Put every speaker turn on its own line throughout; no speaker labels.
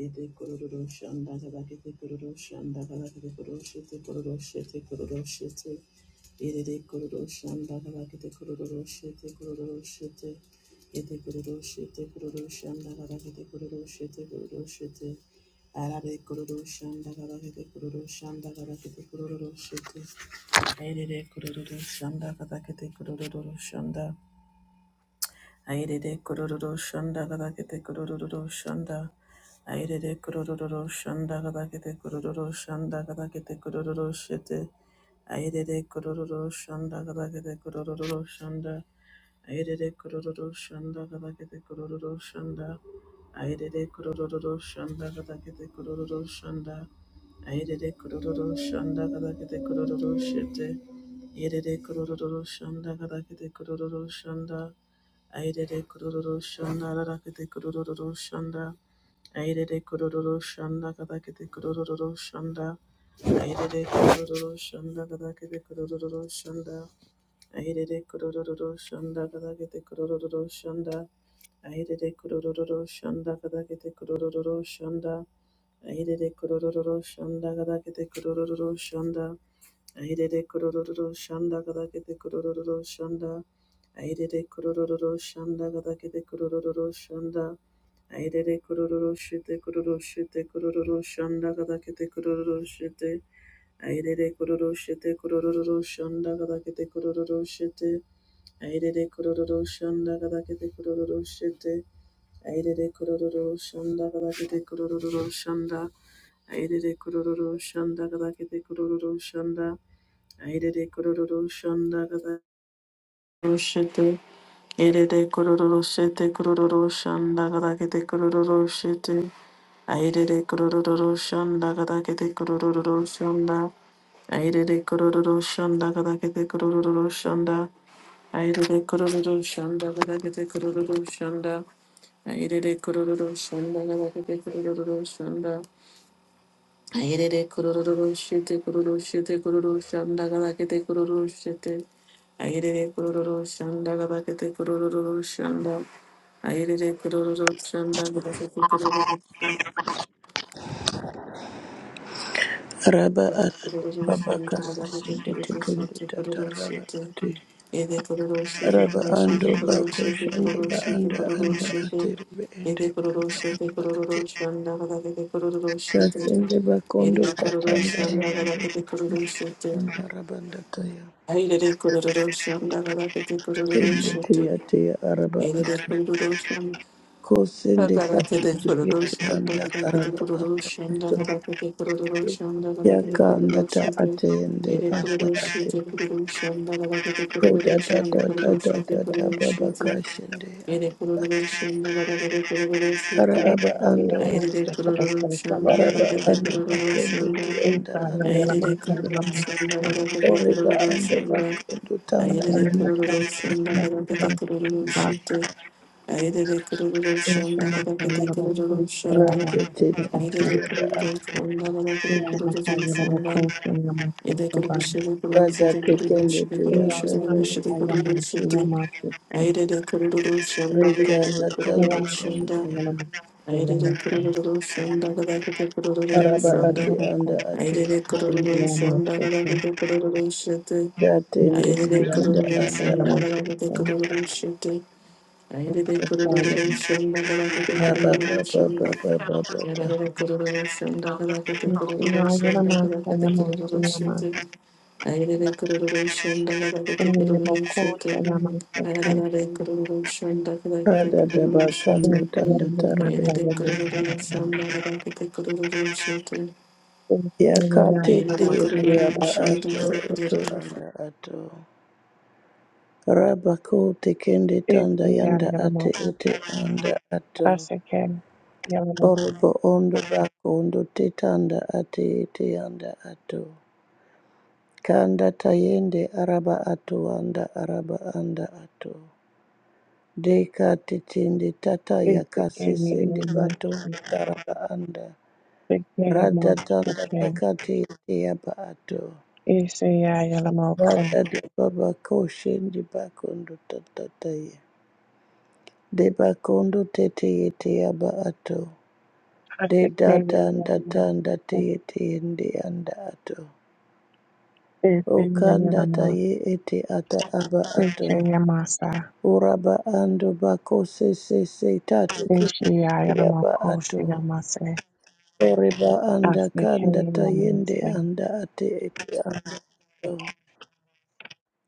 Yete kororo shanda kabakete kororo shanda kabakete kororo shete kororo shete kororo shete. Yete kororo shanda kabakete kororo shete kororo shete. Yete kororo shete kororo shanda kabakete kororo shete kororo shete. Arare kororo shanda kabakete kororo shanda kabakete kororo shete. Yete kororo shanda kabakete kororo shanda. Airede kurururu shanda kadakete kurururu shanda. Airede kurururu shanda kadakete kurururu shanda kadakete kurururu shete. Airede kurururu shanda kadakete kurururu shanda. Airede kurururu shanda kadakete kurururu shanda. Airede kurururu shanda kadakete kurururu shanda. Airede kurururu shanda kadakete kurururu shete. Airede kurururu shanda kadakete kurururu shanda. Airere kururu shanda rakete kururu shanda. Airere kururu shanda katakete kururu shanda. Airere kururu shanda katakete kururu shanda. Airere kururu shanda katakete kururu shanda. Airere kururu shanda katakete kururu shanda. Airere kururu shanda katakete kururu shanda. Airere kurururu shanda kada gadagede kurururu shanda. Airere kurururu shanda kada gadagede kurururu shanda. Airere kurururu shite kururu shite kurururu shanda kada gadagede kurururu shite. Airere kururu shite kurururu shanda kada gadagede kurururu shite. Airere kurururu shanda kada gadagede kurururu shite. Airere kurururu shanda kada gadagede kurururu shanda. Airere kurururu shanda kada gadagede kurururu shanda. Airere kororo shanda gada roshete. Airere kororo shete kororo shanda gada kete kororo shete. Airere kororo shanda gada kete kororo shanda. Airere kororo shanda gada kete kororo shanda. Airere kororo shanda gada kete kororo shanda. Airere kororo shanda gada kete kororo shanda. Ayerere kururu shete kururu shete kururu shanda gabakete kururu shete. Ayerere kururu shanda gabakete kururu shanda. Ayerere kururu shanda gabakete kururu shanda.
Raba atu
Kururu shanda
babaka
gabakete
sasende
kururu
tekende
shete
tata
kururu
raba
shete.
ate
Ede kururu shete
raba
kururu
ando
shete kururu
bako shende ba
shete kururu shete
anda
kururu
anda
shete.
ate rebe ende
Ede kururu
anda
shete
anda ate
kururu shanda gabakete kururu shete.
kasende bakondo
Ede kururu
katanda
shanda
rabando
gabakete kururu shete.
anda rabanda taya
Aire kururuşum da rakete
ende
kururuşete.
teya teya araba
Aire
ate
kururuşum
kosende
da
kati
rakete kururuşum
tibete
da
anda
rakete
araba anda
kururuşum
ato
da rakete kururuşum da rakete
yakanda ta
kururuşete.
ate ende
Aire
anda ate
kururuşete kururuşum da rakete
Ko da da
kururuşum da
da da da
kururuşete
da da ba
kururuşete.
an-
Aire kururuşum da rakete
ara
kururuşete.
aba
Esta
anda
la
wat
más
Aire
que posee
kururuşum
los
ara
da
ba
ojos.
rakete
anda ba
kururuşum da
anda
Esta es
anda
la
Ayrede
más que la más que
kurulurusunda galakete
ore ba anda ba
kurulurusunda
la
tanda
Ayrede
tenemos con
kurulurusunda
la
galakete
más que va.
kurulurusunda Ayrede
Esta
kurulurusunda
más que
galakete
la más que
ra
kurulurusunda
la más
te te
que
te
va.
te
Ayrede
anda anda
kurulurusunda
Y
galakete
la más que la más
kurulurusunda
que la más
Yede
que va.
kuruluşede
ra da
kuruluşede
te kende
kuruluşede
tu
Y
kuruluşede
la
anda
la
ta
más
kuruluşede
que
yende
la más que
kuruluşede
la más que
Ayrede kurulurusunda galakete
tanda
va.
kurulurusunda
tende
Y la más que la más que la
Ayrede
más que va.
kururu şanda kadar gide
Y
ara
kururu
esta
ba
la más que la
şanda.
más que
anda
va.
ati
Ayrede
anda
Y la
kururu
ate
más
şanda
que la
kadar gide kururu şete.
da
I
tende
did
más
anda anda
şanda
ate
kadar gide kururu şete.
que
Ayrede
la más
kururu
que va.
şanda kadar gide
ra ba ba
kururu
ba
şanda.
ba ba ba ba
Yararede kururu şanda kadar gide kururu şanda
Yayama
kadar gide
Sayama
kururu
Sayama
şete. Ayrede kururu şanda kadar
Sayama Ko
gide I
Sayama
did
Sayama
Yararede kururu şanda kadar gide kururu şete.
kando
Sayama
tanda
Shanda,
Sayama
ta
Sayama
Yakati
Sayama
kiyeti yaba ato oto anda ato. Rabako tekende tanda yanda ate
Sayama
ete anda ato.
Asake Yama
Orobo ondo bako ondo te tanda ate ete yanda ato. Kanda tayende araba ato anda araba anda ato. Deka tetende tata
Isake
yakasesende
Yama
bato taraba anda. Rada
Sayama
tanda
Sake
takati yaba ato.
Isaya Yama Ko
Bata de baba koshin de bakondo tata ye. De bakondo tete yete yaba ato. De
Asake Yama Isaya Yama Sayama
data ndata ndate yete yende anda ato. Okanda ta ye ete ata aba ato.
Sayama
Uraba ando bako se se se tatu kete yete yaba ato.
Sayama Sayama
Oriba anda kanda ta yende
African-American
anda ate ete anda ato.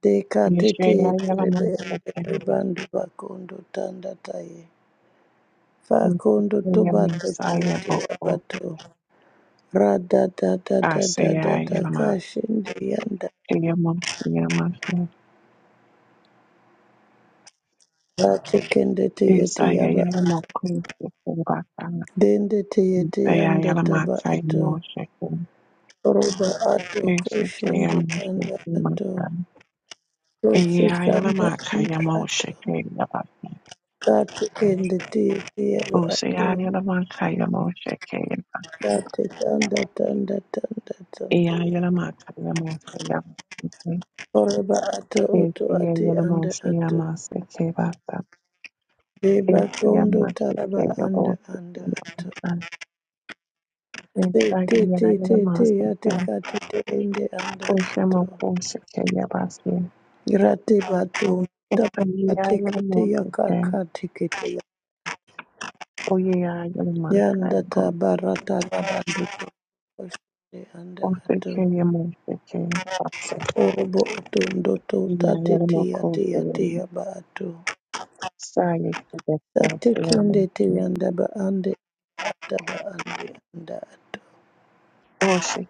Tekatete rebende
Israeli-American
rebandu bakondo tanda taye. Fakondo toba tete
Messiah
ete
Boko
abato. Rada da da da da da
Isaiah
da
Yelama
kashinde yanda.
Yelama Yelama
Ratekende te ete
Isaiah
yaba.
Yelama Kusi Kubaka
Dende te ete
Isaiah
yanda
Yelama
taba
Kai
ato.
Moshe
Roba ato
Isaiah
kushinde
Yelama
yanda ato.
Maka
Rose
Iya
sanda
Yelama Kai
anda ato.
Moshe Yelama
Ratekende te ete yaba ato.
Usia Yelama Kai Moshe Yelama
Kate tanda tanda tanda tanda
Iya
ya.
Yelama Kai Moshe
Oraba ato
If
oto ate
you are the
anda
most
ato.
Yamasa Kebata,
Deba
if you are
tondo
much
taraba anda
capable,
anda ato.
if
Te
I am
te te
the
te te
master,
ate kate te ende anda ato.
Oshamo Kosha Yabasi,
Grate bato taba
Ophelia
ate
the
kete
most
yaka
care,
kaka te kete ya.
Oya the
Yanda
Makaibo,
tabarata rabando tokoshende anda ato.
Ophelia Moshe Kebasa,
Orobo oto ndoto tate
Yaya the
te ate ate yaba ato. Tate kende te
master
yanda ba ande ata ba ande anda ato.
Oye, ya,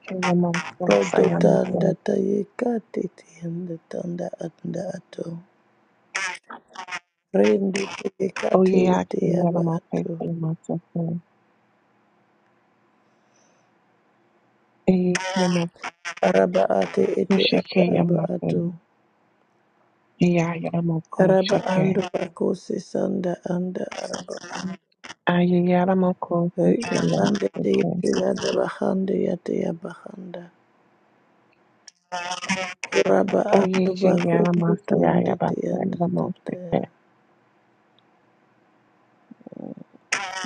Rodo tanda tayeka tete yanda tanda anda ato. Rende tayeka tete
que ya la
yaba
mo fe,
ato.
que ya ma se fe.
Araba ate ete ata
Musheke
aba
Yamako,
ato.
Yayaramoko
Araba
Sheke,
ando bakose sanda anda araba.
Ayayaramoko
Rika pande te
Sheke,
yete yada bahande yate yaba handa. Araba ando
Oyeke
bakundu
Yaramasa
tunde te
Yayabasa
yanda
Yamako
tata ya.
Sheke,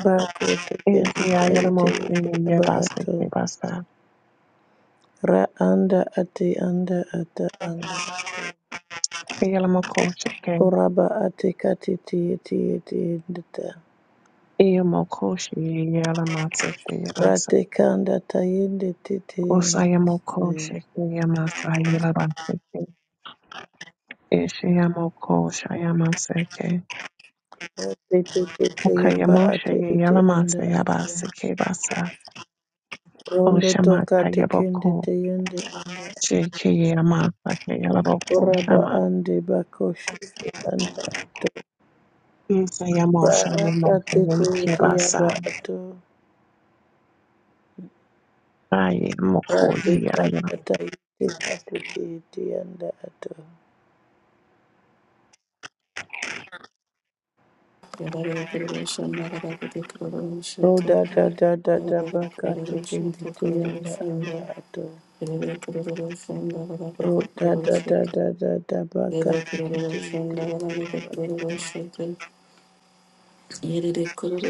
Bako te kende tayete
Isayaramo
yaba ato.
Yabaseke Basa,
Ra anda ate anda ata anda.
Yalamoko Sheke,
Oraba atekati tieti eti endita.
Iyamoko Sheke Yalamaseke Yabasa,
Ratekanda tayende tete endita.
Osayamoko Sheke Yamasa Yalabaseke, Ishayamoko Shayamaseke,
Tete tete yaba
Okayamoshe
ate ete anda
Yalamasa
ate.
Yabaseke Basa,
Rondo toka
Oshamaka
tekende
Yaboko,
teyende.
JK Yamaka Yaboko,
Oraba
Nama,
ande bakoshi anda ato.
Isa Yamosha
Baraka tete
Yamosha
ete yaba
Kibasa,
ato.
aye Moko Yaya,
Ratekanda tayende ate ete anda ato. Roda da da da da baka tekende teyanda anda ato. Oh, da da da da da da baka tikiti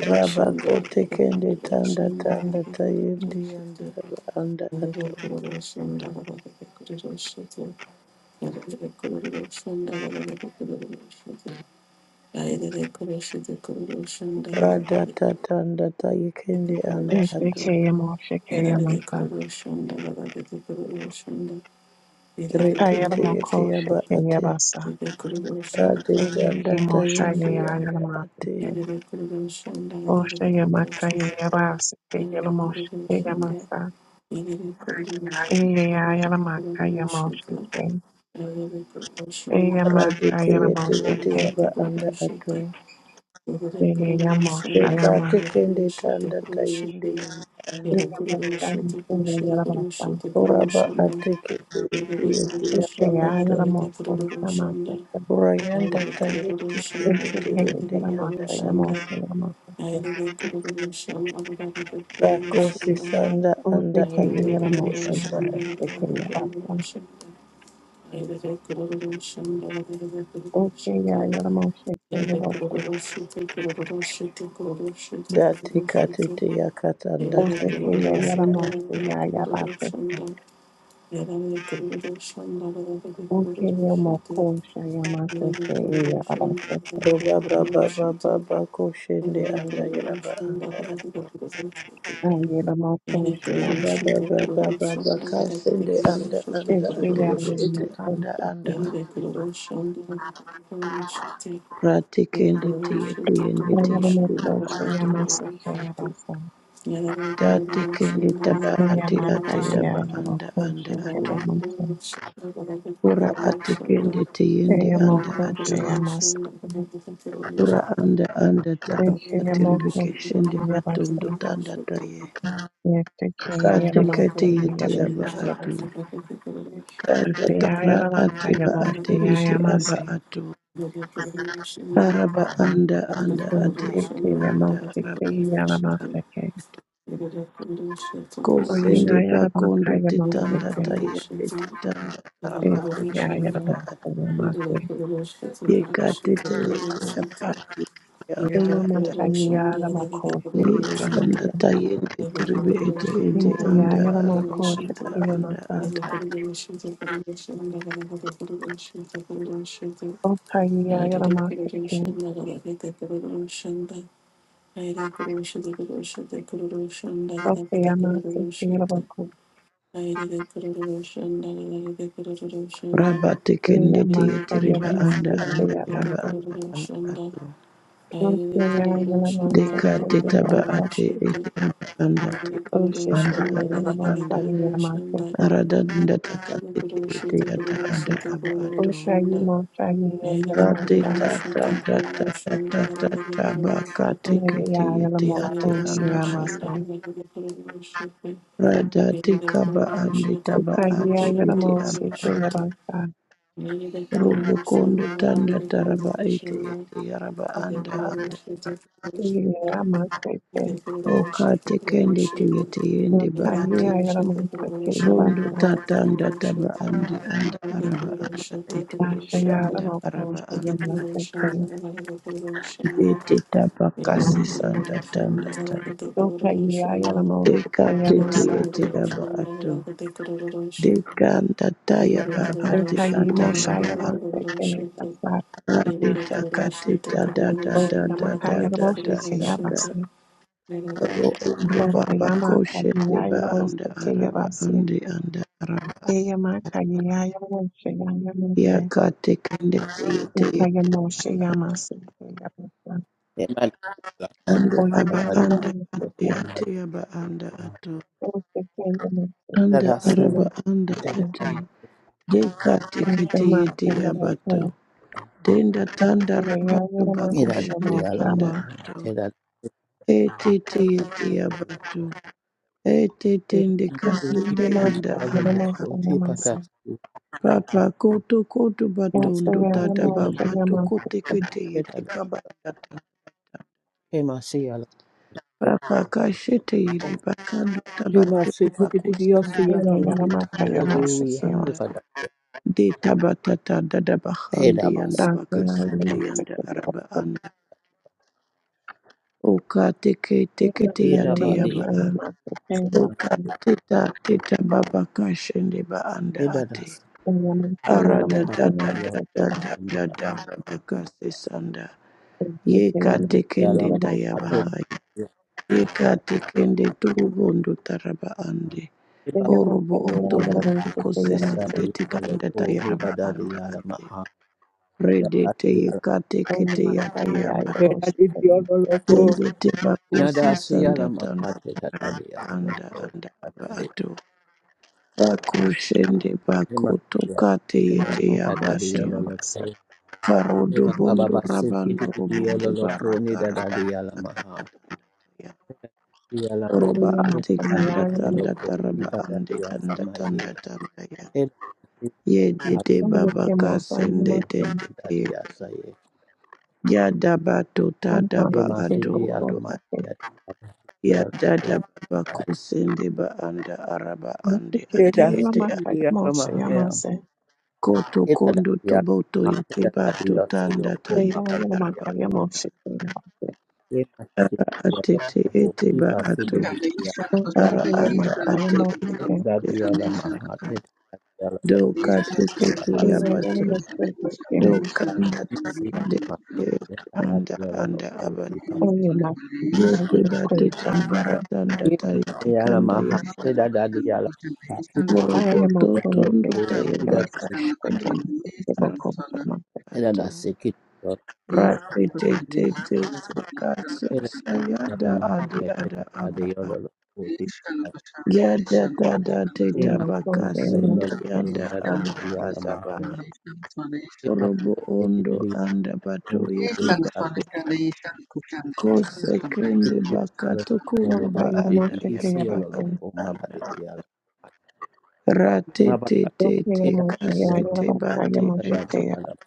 Rabako tekende tanda tanda tayendi anda anda ato.
Thank
Radata tanda tayekendi anda ato.
JK Yamosha Yamaka,
Retete yete
Ayamoko
yaba
Shake
ate.
Yabasa,
Radete
Eiki
anda
Mosha
tayendi anda ate.
Yayamaka, Osha Yamaka Yabasa, Yalamosha Yamasa, Ayalamaka Yamosha, Ayamaka
Radete yete
Yamosha,
yete yaba anda
you.
ato.
Shanda,
Ayamosha
Deka
Yamaka.
tekende tanda tayendi anda anda.
Okay,
Uraba ate kete yete yete yaba ato. Rayanda Kayeti Kendete Yende Yanda Ato Takosi Sanda Anda Ate Ete Anda Ato Dati Katete Yakata Anda
Yerele
Tayende
kururu
Anda
şandala ve kururu şanda. Yerele kururu şandala ve kururu şırtı. Yerele kururu şandala ve
Ato Roba
kururu
Baba
şırtı.
Baba Bako Shende
Yerele
Anda
kururu
Yaraba
şandala
Anda
ve
Ato
kururu şırtı. Yerele kururu
Roba
şırtı
Baba
kururu
Baba
şandala
Baka
ve
Shende
kururu
Anda
şırtı
Anda Ato
kururu
Roba
şırtı.
Ete Anda Anda Ato
Yerele kururu şandala ve kururu şırtı. Yerele kururu şırtı kururu şandala ve kururu şırtı. Yerele kururu şandala ve
Rati Kendete Yete Yende Yate Yaba Ato Dati Kendete Taba ati
kururu
Eyamata
ati
şırtı.
Daba Anda Anda
yeyarokoshe
Thank
Ato
kelemata.
Ora atekende teyende anda
Eyamokoshe
ato.
yamasa.
Ora anda anda taraba
Eke
atiribike
yamokoshe
shende
keyabasa.
batondo tanda taye.
Yete keyalamasa
Katekete yete yaba
keyaboseke.
ato.
Eke
Katatara
yayalamaka
ate ba
yamoshe
ate ete aba
yayamase.
ato. Araba anda anda ate
Eke
ete anda
keyamoshe
araba.
keyalamaseke. Oye
Kosende
yayalamaka
bakondo tetanda
yamoseke.
taye tetanda taraba.
Eke yayalamaka yamase.
Yekate teyete yaba
you.
ate ete
Shanda,
anda ato.
Eyamaka yeyalamakoshe
Kanda
keyamasa.
tayende tiribe ete ete
Eke
anda araba
yayalamokoshe
anda anda
keyamasa.
ato.
Okaya Yaramasake, Okayamasake Yarabako,
Raba tekende teye
Yaramasa
tiriba anda
Yaramasake
anda iraba
Yarasa,
anda anda ato.
Thank
Okaya
Deka
Yaramasake
tetaba
Yarasa,
ate ete aba anda te ete
you.
Oshake
anda araba
Yaramasa
anda.
Yaramasake,
Arada dunda taka tete ete ata anda aba ato.
Okayi Mokayi
Rate
Yaramasa,
tata tata tata tata baka
Anaya
tekete yete
Yaramoko
ate anda ato.
Shiyamasa,
Radati kaba ande taba
Okayi
ate ete
Yaramosake
aba
Yarasa,
robo kondo tanda taraba iti iti yaraba anda anda
Yamasake, Okayi
Thank
Yaramasake
oka tekende tuyete yende ba ate rondo
Yarasa,
tatanda taba ande anda araba anda iti iti
Ashaya
anda
Yaramoko
araba anda
Shiyamasa,
iti taba kasi sanda tanda tanda
Okaye ayalamo
deka tete
sekeyamasa.
ete aba ato dekanda tayaba ate
Okaye
atayaba
moshayamasekeye kasa.
Radita katita da da da da da da
Osamakayalamo
da da da.
sekeyamase.
Ro
you.
ondo baba koshe
Osayamakaye
deba
ayalamo
anda araba
sekeyamase.
andi anda araba.
Eyamakaye ayalamo sekeyamase.
Ya kate kende yete
Okayamo sheyamase sekeyamasa.
Emmanuel
anda
Oye
aba
Daddy
anda
ayalamo
ate
seke.
ate aba
Yokumatia
anda ato.
Osekeyamo
Anda
Tedadasia
sekeyamo
araba anda
Atedadatia
sekeyamo.
ate. De kate kete yete
Eki
Oshamakayalamo.
abato.
Madi
Denda tanda raba doba
Eyayalamo sekeyamo
koshende
Idadadia
anda
shama.
Lamahaya
ato.
Tedadadia
Ete te yete abato.
Loko
Etetende
Idadadia
kasende yanda
Yikimasa
anda
Yaramasa
Loko
Yamasa
Tipatas
papa koto koto
Yamasa
Masa
batondo tata
Yamasa
babato
Tedadadia
Yamasa
kote kete yete
Tedadadia
kaba
Kemasia Loko.
papa kashete yere bakando tabato
Kemasi
bakusende
Tidiosia
Eye
Lama
bakondo
Yaramaka
tanda tanda
Yamasa
Hallelujah
anda
Yamasa
Tipadadia
de tabatata dada bahande yanda
Edamas
Yasa Yamasa
bakasende
Yamasa
yanda
Yamasa
araba anda oka teke teke te
Yaramasa Yamasa Yamasa
yate
Edabadia
yaba
Yamasa
a oka
Yaramasa
teta teta baba kashende ba anda ate
Edadas
Yamasa Yamasa Yamasa Yaramasa Yamasa
Ara
Tuh
dada dada
sakiti
dada
yata.
dada dada dada dada because this under. Ye
Yamasa Yaramasa Yamasa Yamasa
Adalalam
katikendeta ya
ase
Yaramasa
bahai.
tadi
Ye
yata.
katikendetu bundu taraba ande.
Si
Yamasa
baba
Yamasa
Orobo
si
Yamasa
otoboro
Yamasa Yamasha,
yata
kusisi
Yamasha.
under
tadi
tika
yolo
anda ta
ko
ya
mi
raba
bada
anda ati.
dialamaha.
Pre
Si
dete ye katikete ya tiya ba.
adi yolo ko.
Ndete
Si
bakusisi
nadasi
sanda
yalam
tanah
ase tadi yolo
anda
ko
anda
tadi.
rato. Bakusisi nba
Si
koto
madi
katete ya
yata tadi yolo
rato.
ko. Si
Karodo
baba
bondo
baste kiti
rabando
tadi yolo
robondo
ko ni
barata
bada dialamaha.
rabatatatatataya.
Dialamaha.
Roba
Si
ate
adi
kanda
yolo
tanda
ko si
taraba
bada di
ande kanda
sama i.
tanda tanda ya. Ye
Thank
dede
Only
baba
que most I Yake
kasende
mozvaino
dede de. Ya daba to
matombo
tadaba ato
akitenga
ondo
kose
a. Ya dada baba kusende ba anda araba ande
akitenga
ate
yema
ete ate.
makaya mose yamase
Koto kondo toboto yete ba to tanda
tenga
tayete
yema
araba.
makaya mose tenga mase
Ara atete ete ba ato.
Krishna,
mose
Krishna,
ara
Krishna,
tenga
anda
makaya
ate
mose tenga
ete
Krishna Krishna,
doka
Krishna
tekete
Krishna,
yema
yabato
mose
Krishna, Ishana
tenga
doka anda tande ete anda anda
you.
abato
oye masi
yote
ayero kosha
bateta
mase
baratanda taite kanda
Yalamaha,
yabara
Tida Daddy Yala, Tida
aya
moroboto
Daddy
makoro
tondo
seke the
tayabaka
Yalama,
seka
shinde
mase yema
ara
kosha
anda
mase
Tida
ato
Nasiki,
Rakete tete sekasa
Tida
sayada
Yalama,
adi ada
Tida Daddy
abaa
Yolo, Tida
Yada tada teta
Kema,
yema
Tida
baka
kosha yema
Yolo,
sende
seke
yanda anda
Tida Yalama,
adaba
Kema,
Robo
Tida
ondo
Yalama,
anda bato yete
Ishana
Tida
Sunday Sunday Ishana Kushana
bako
Ishana Sunday
sekende baka
Ishana
Yalama,
Sunday
tokundu
Koma
yoka
ba
Papa
yema
anda
Titi,
mose tenga
Hisi
yaraba
Yolo,
mase
anda
Koma
anda.
Badi Yala,
Rate
Koma
te
Papa
te
yoka
te
yema
Tida
mose yema
Yolo,
yema
kasete
makaya
bate
Tida Daddy
ete.
mose
Yalama,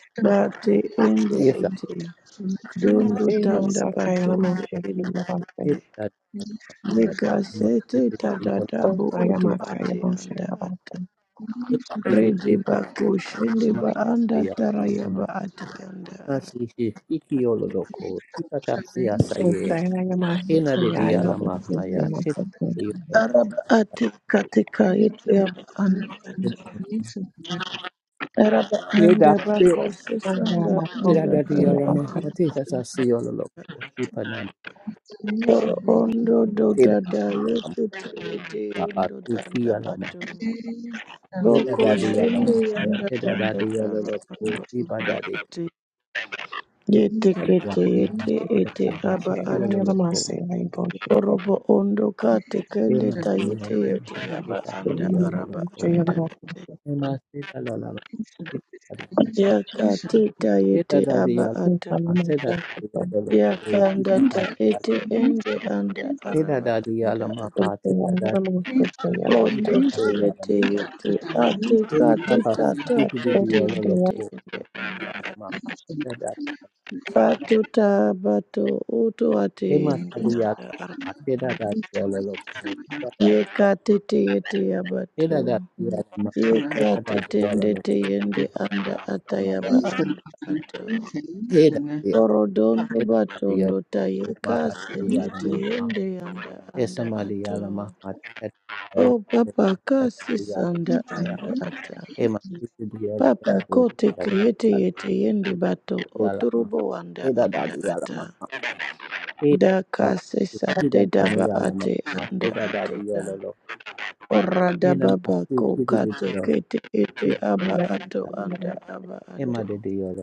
Ishana
Bate
Kushana Ishana
ende
Yes,
Sunday
ete.
Ishana Sunday Ishana Kushana
Dondo tanda
sir.
Ishana
Imasakaya
patondo
Moshe
ende
Kinabasa,
Hili
ete.
gari la aina ya
Yeka
Tacoma
sete
City
Kushana
tadadabu
Osaya
oto
linalopakiwa
Makaya
ate
Moshe
anda ate.
Labasa,
Ishana
Rede bako shende ba
Kushana
anda
ya
tarayaba
Yamaha.
ate anda.
Basi hi- ikiyololoko ipatasiasaye
Isaya Yamashi Kaya
enaliliala
Labasa,
mahaya
Kaya
tetiliyoloko
Araba ate katika yetu ya anda ate.
Ishana
Araba anda
Vedate
bako sesanda anda
Makosha
tiradadiyala
araba
Kinabasa,
anda.
mahati
Thank you.
tatasiyololoko tipanan
Constellation
Oro
distributions
ondo do dada
tiradiyala
yetu yete ondo
babasiki
dada
yalama
bato. Boko
tedadadiyala
shende
mahaya
yanda danda daba ando
tedadadiyololoko
ate.
Ema
Yete
sadiyala,
kete yete ete aba
Kaya
ato.
Lamasi Laboshi,
Orobo ondo kate kende ta yete yete yaba
ateda
Kaya
anda
dadiyala
Labasa,
lo,
araba
Isaya
anda
Makosha,
ate. Yakatita yete aba ato.
Isaya Yamashi
yakanda ta ete ende anda araba anda
Kaya Labasa,
ata
Isaya Yamashi Kaya Labasa,
oto tele te ete ate kate tata te
Kaya
tende te ende pato tabato oto ate
Thank
ende anda araba
ateda dadiyala.
yekate te ete yabato
Hela da ya la ma hela da
yekate
ya la
tende
lo
te
ko
ende
hela da
anda
ya
ata
ma da
yaba
ye
anda ato
hela ya
orodondo
hela da ya
batondo ta
ko ma pa
yekasende
ya la
te
ma
ende anda
esa
anda
ma li ya la
ato
ma ha et la
Oh,
et
Baba, kasi
ya la ma
sanda
ha ya
anda ata.
e ma tu tu ya la
Baba,
ko
kote
da da
kriyete
ya
yete yende
et
bato,
ya la ma
oturubo wanda
hela da
anda
ya la
ata.
ma e
Da
pa
kasi sande
hela da
daba
ya la ma
ate
ha
anda
da
ate
ya
da.
la lo
Ora da
hela ma
baba
tu
ko
tu
kate
ya
kete ete
ki
aba
Yamashi Kaya
ato anda aba
e
ato.
de de ya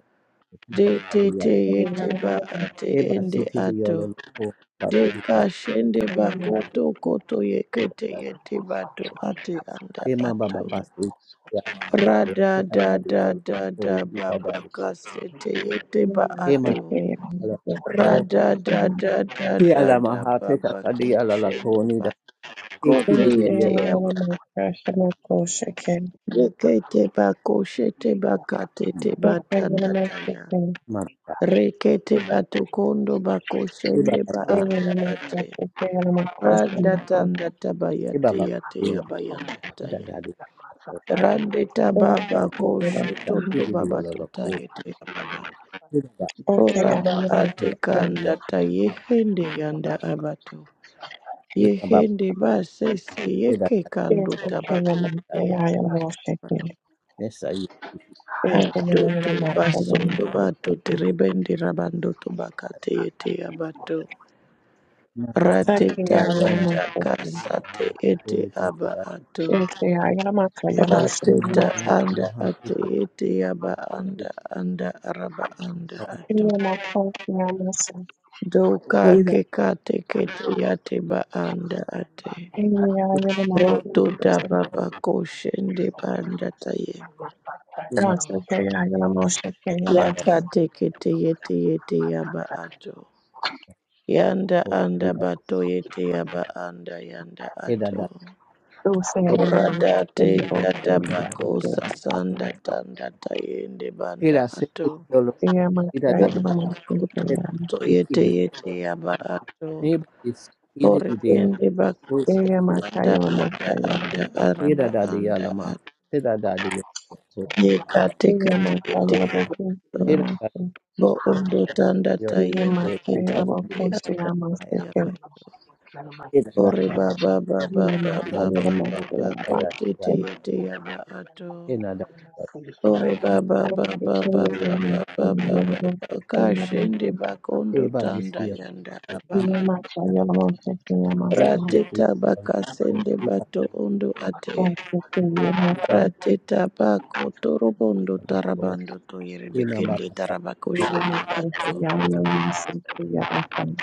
De te
lo
te yete ba ate
Tema
ende
city di
ato.
yololopo
De
babiri di
kashende ba
kadi
koto koto yekete
ibadari.
I am
yete bato ate anda
Tema baba
ato.
basi ya ya
Rada
kita
da
tadi
da
yolo
da
lo
da
di
ba ba
yololopo di
ka ba
Tema
ato.
city ala yo
Rada da
Labasa,
da da
ki
da
ala
da
maha
ba
kita
ba ke
kadi ala la
shende
koni
ba
da
ko
iki
te
di
ye
di
Okay,
te
I'm gonna
yololopo
ba.
motion.
Re ba ko ba ka te te ba
Okay,
ta
I'm
ya.
baba
Re ke te ba to kondo ba ko
Tiba
ba
basi
anda ate.
Okay, I I
Randa tanda taba ya te
baba
ya te
basi
ya
ya
the
ta
kita
ya.
kadi baba
master of my
Rande
life.
taba ba
I I I I
basi
tondo
di di
baba
yolo lo
tota ba to
ko
ye te ba.
kita kadi ala maha
Oraba
kita
ate
kadi yo
kanda ta yehende yanda
ala maha
abato.
kita baba
Yehende basese
kita
yeke
kadi
kando
yololopo
I
tabakote
kadi
ya.
ala mesa iya.
Adoto basondo bato terebende rabando tobakate ete abato.
Tidak, tidak,
Hello.
Rateta yata kasate ete aba ato.
I I I
Rateta anda ate ete aba anda anda araba anda
am
ato.
am am am am am am gonna say
Doka kekate
Thank
kete yate ba anda ate.
I'm gonna shake it. I am gonna
Roto
say
daba bako shende banda taye.
I'm gonna say. I am gonna say. Yes, okay, I am
Yaka
on.
teke teye teye teye ba ato. Yanda
tidak. Tidak,
anda bato yete yaba anda yanda ato.
tidak,
Go say I am my
Orada te
Savior, O
dada bako
you.
Savior.
sasanda tanda tayende banda ato.
They are my Savior,
Ora
my
bako to
Savior.
to yete yete yaba ato. Ore ende bako
They
sasanda
are my Savior, my
anda
Savior.
anda araba anda ato. Yeka
They
teke
are my
teye
Savior, my
teye ba ato.
Savior.
Bo ondo tanda
They are my
tayende ete
Savior, my
ete anda
Savior, my
yaba.
Savior.
tidak.
Ore ba ba ba
They
ba
are
ba
my
ba
Savior,
ba
my
ba ba
Savior,
ko
my
tete
Canada,
Savior.
ete yaba ato. Ore ba ba
I
ba ba ba
declare
ba
my
ba ba ba ba
Savior, my
ba ka
Savior, my
shende
Savior.
bakondo
Eba disi
tanda yanda
yako,
They
aba.
are my Savior, my Savior, my Savior. I declare my Savior, my
Eba disi
Rateta
yako,
bakasende
Eba
bato ondo ate.
kiba
Rateta bako torobondo
yako,
tarabando to
Ema
yerebekende
baba
tarabako
yako,
shende bato.
Savior, my Savior, my Savior.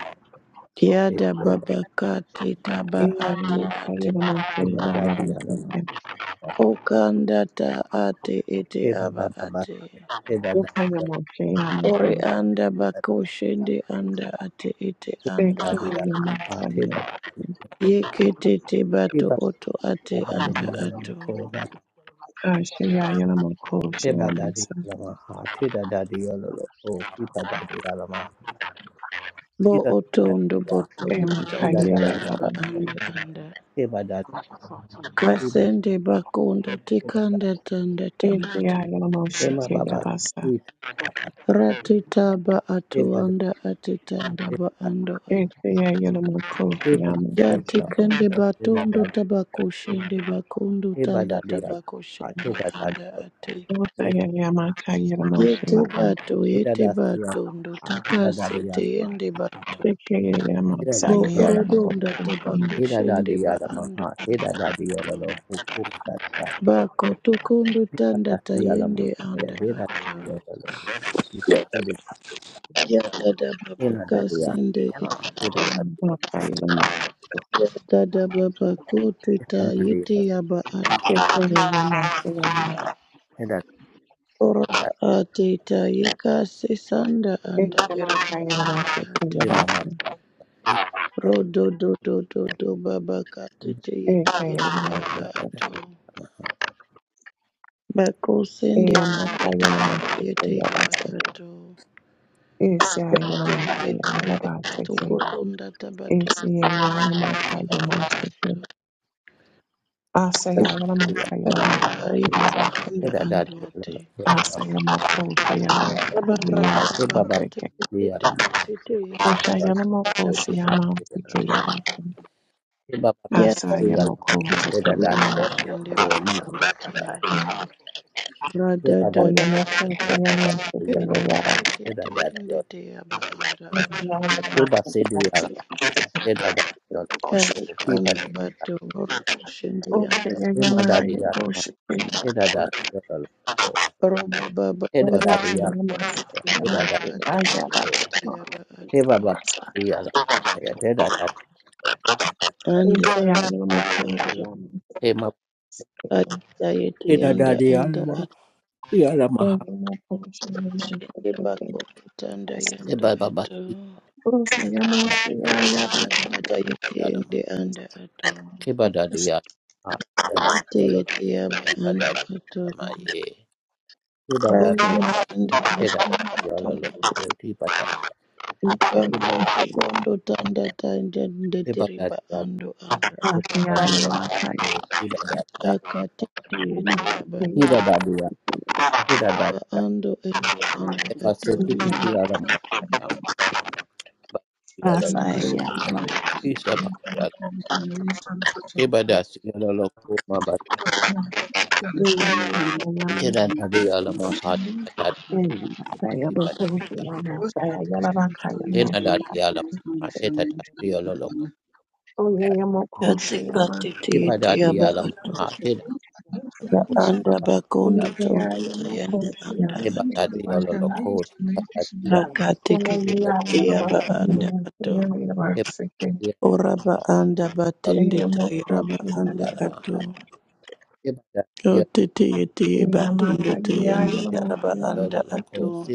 Eba
Kiada baba kati taba
yako,
Eya
ate
yamasa
ate.
yamoshe
Ema dadi yako,
yamayabasike.
Okanda ta ate ete
Eba
aba
baba baba,
ate.
Eba dadi
Upa
yako,
yamoshe yamasa.
Ori anda bako shende anda ate ete
Eba
anda
Seke
dadi yako, Eba dadi yako, Eba dadi yako, Eba dadi yako, Eba dadi yako, Eba dadi
ate.
yako,
yamasa yamasa.
Yekete te bato
Eba
oto ate anda ato.
Ashe ya yamako she yamasa.
dadi yako,
Bo
Eba
oto
dadi
ndo
yako,
boto ndo
Ema
Ida
tanda
da
kaye
ya
taba
ma.
anda
yabasike.
anda.
Eba da eba
Kasende bako ndo
eba da.
tikanda tanda tanda.
Ete ya yamoshe
Ema
ke
baba
yabasa.
sweet.
Rati taba ato
Eba da
anda ate tanda ba
eba da.
ando
Ete ya yamako she
Eba da sweet
yamasike.
love.
Yatikende
Eda
batondo
da
tabakoshende bakondo
eba
tanda
da ya. ma.
tabakoshende
da da.
anda ate.
Upa ya yamaka yamoshe
Yete
yaba.
bato
Eda
yete
da ya
batondo
ma. Ateta da ya
takasete
ma.
yende ba
Seke ya
Eda
yamasa
da
bo
ya
ya ma.
yamako
orodonda
she
Eda da
tabakoshende ba
ya ma.
ando
Ha. Eda da ya lo. Kuku da da.
bako tokondo
Eba
tanda
da ya ma.
tayende
Ya
anda
de da
ata.
ya lo. Ipa se de.
Thank
Yadada
you.
baba
Ena da ya.
kasende
Ah. Eda da
yamasike.
ya.
Ema kaye yamasa.
yadada baba kote ta
Ema da
yete
ya.
yaba
Seke
ate.
ya yamasa
Eda
Ora
da
ateta yeka sesanda anda yaraba
Asaya moko
anda
sheke
ato.
yaba.
ya.
Rodo do do do do baba katete yete yete yaba ato. Bako sende anda tabako yete yaba ato. Yete yete yete toko tonda tabato anda ato. Anda yete anda anda ate. Baba baba katete tete tete yete yaba ato. Shende bakanda taya. Rada da da da
Oya moko
da.
sheyama
Kete
sheke yaba.
kete bende te abakara ata. Askanda bato borobo shende yanda. Roba baba baba baba teke yete yaba
Hey
ato.
Baba Yala Maya Deda Dada
Ande anda ato.
Hey Ma
Ata yete
Deda
yanda
Dada
anda
Yala Ma
ato.
Yala Ma
Shende bako tanda
Hey
yanda
Baba Baba
ato.
Yala Yala
Ata yete
Yala, Ma
yende anda ato.
Hey Baba Dada Yala Ma Deda
Ate
Yala
yete yaba
Odi
anda
Baba Dada Ma
ato.
Ye Hey Baba Dada Yala
Bakondo
Ma Deda Yala
ando
Lo Odi Baba Hey
gamba
Dada
bakondo tanda tanda
Hey Baba
ndetiriba
Dada Yala
ando anda
Deda Dada Yala Odi Baba Dada Yala
akati tiyeti yaba aba
Deda Dada Yala Deda
ba
Dada Yala
ando ete anda
Hey
ato
Baba Yala Ma Yala
Masaya
ko
Yalamaya
mabati. isa ba yala kebada si ko ma ba yala
Moshe Yamasaya
tena da de yala ma ha ta ta
Masaya
di ba
Bokoshe Yamasaya Yalabakaya Moshe
yala ma te ta ta si yala lo ko ya
Oyaya
ati
Mokoshe
kati
Yamasaya
tiyeti
kebada
yaba
yala ma
ato
ha
ba
ko
you.
anda
ta di ya
bakondo
Ukaya
tanda tayende
Yamokoshe
anda
kebada
ato
With
Yamasaya
the
ko
major
ta ta
nations like
yala ma
akati
te
Ayaya
kiti yaba
Yalabakaya
ko
anda ato
Mosaya
kebada
Yalabakaya
de
oraba anda batende
Eya
ko ta
tairaba
Mokoshe
di
anda
yala ma
ato
Yamasaya
kebada de yala
otete yeti yaba tunde
Yamakaya
tayende
te
Yalamoshe
yaraba
yala
anda
lo ko
Yamasaya
ato
si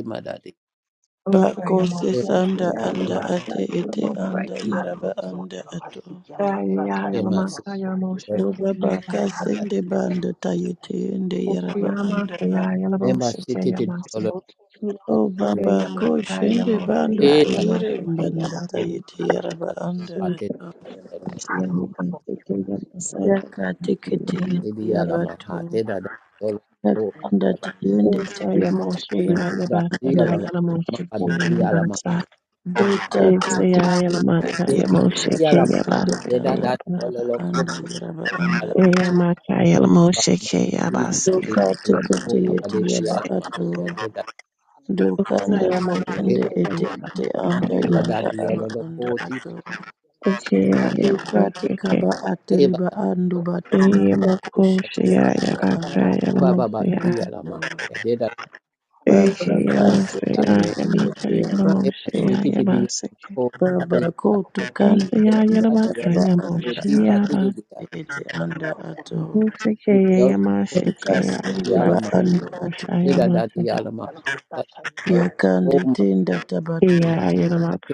Bako
Osaya Mokoshe
sesanda anda ate
Yamasaya
ete
Yalamoshe
anda
Yamasaya
yaraba anda ato.
Yaya Yalamaka Yalamoshe
Oba baka
Yabasa,
sende bando tayete ende yaraba anda ato.
Nema city ti di olo
Oba
tatua.
Eya
bako
makaya la
shende
moshe ke
bando
E tapte
toyere banda
o
tayete
te
yaraba
tala.
anda
A te
ato.
olo o.
Yaka tekete
Nema te
yete
di ala ma ha
yabato.
te da da olo o.
Yaka anda
A da
tayende tebe tebe
da di
anda
ala la.
ato.
Ma a di ti ala ma.
Dota tete tete
Te
tete
di
yaka
ala ma. E
sende
te da
tanda
da di olo
yaraba
lo o.
anda yaraba anda
Ala
ato.
yabasa
ma ma.
ya
Ti ti ti di
Doka
olo o.
tekete
Ma pa
yete
di di
yaba
yabasa
ala
ato.
E
Okay,
Doka nda
yeah,
E
yende
okay,
ete
yeah, okay.
ete anda yanda aba anda ato.
Hello.
e.
Doka tekaba
E
ateriba andu batu kushinde banda anda
E
aba anda ato.
E
I'm
mokoshe
Baba
ya
kase te yete yete yaba ato.
Ebasiti di ko
Baba
pari
koto kanda
di,
tanda
dadi yalo
tanda anda
ko ti
aba
pati di di
ete ete anda ato.
di yalo ko
Doka
ti
sende ba
alama
andu ato.
ti da da di alama da yalo ko
Yakande
ma
tenda tabatu
pa ti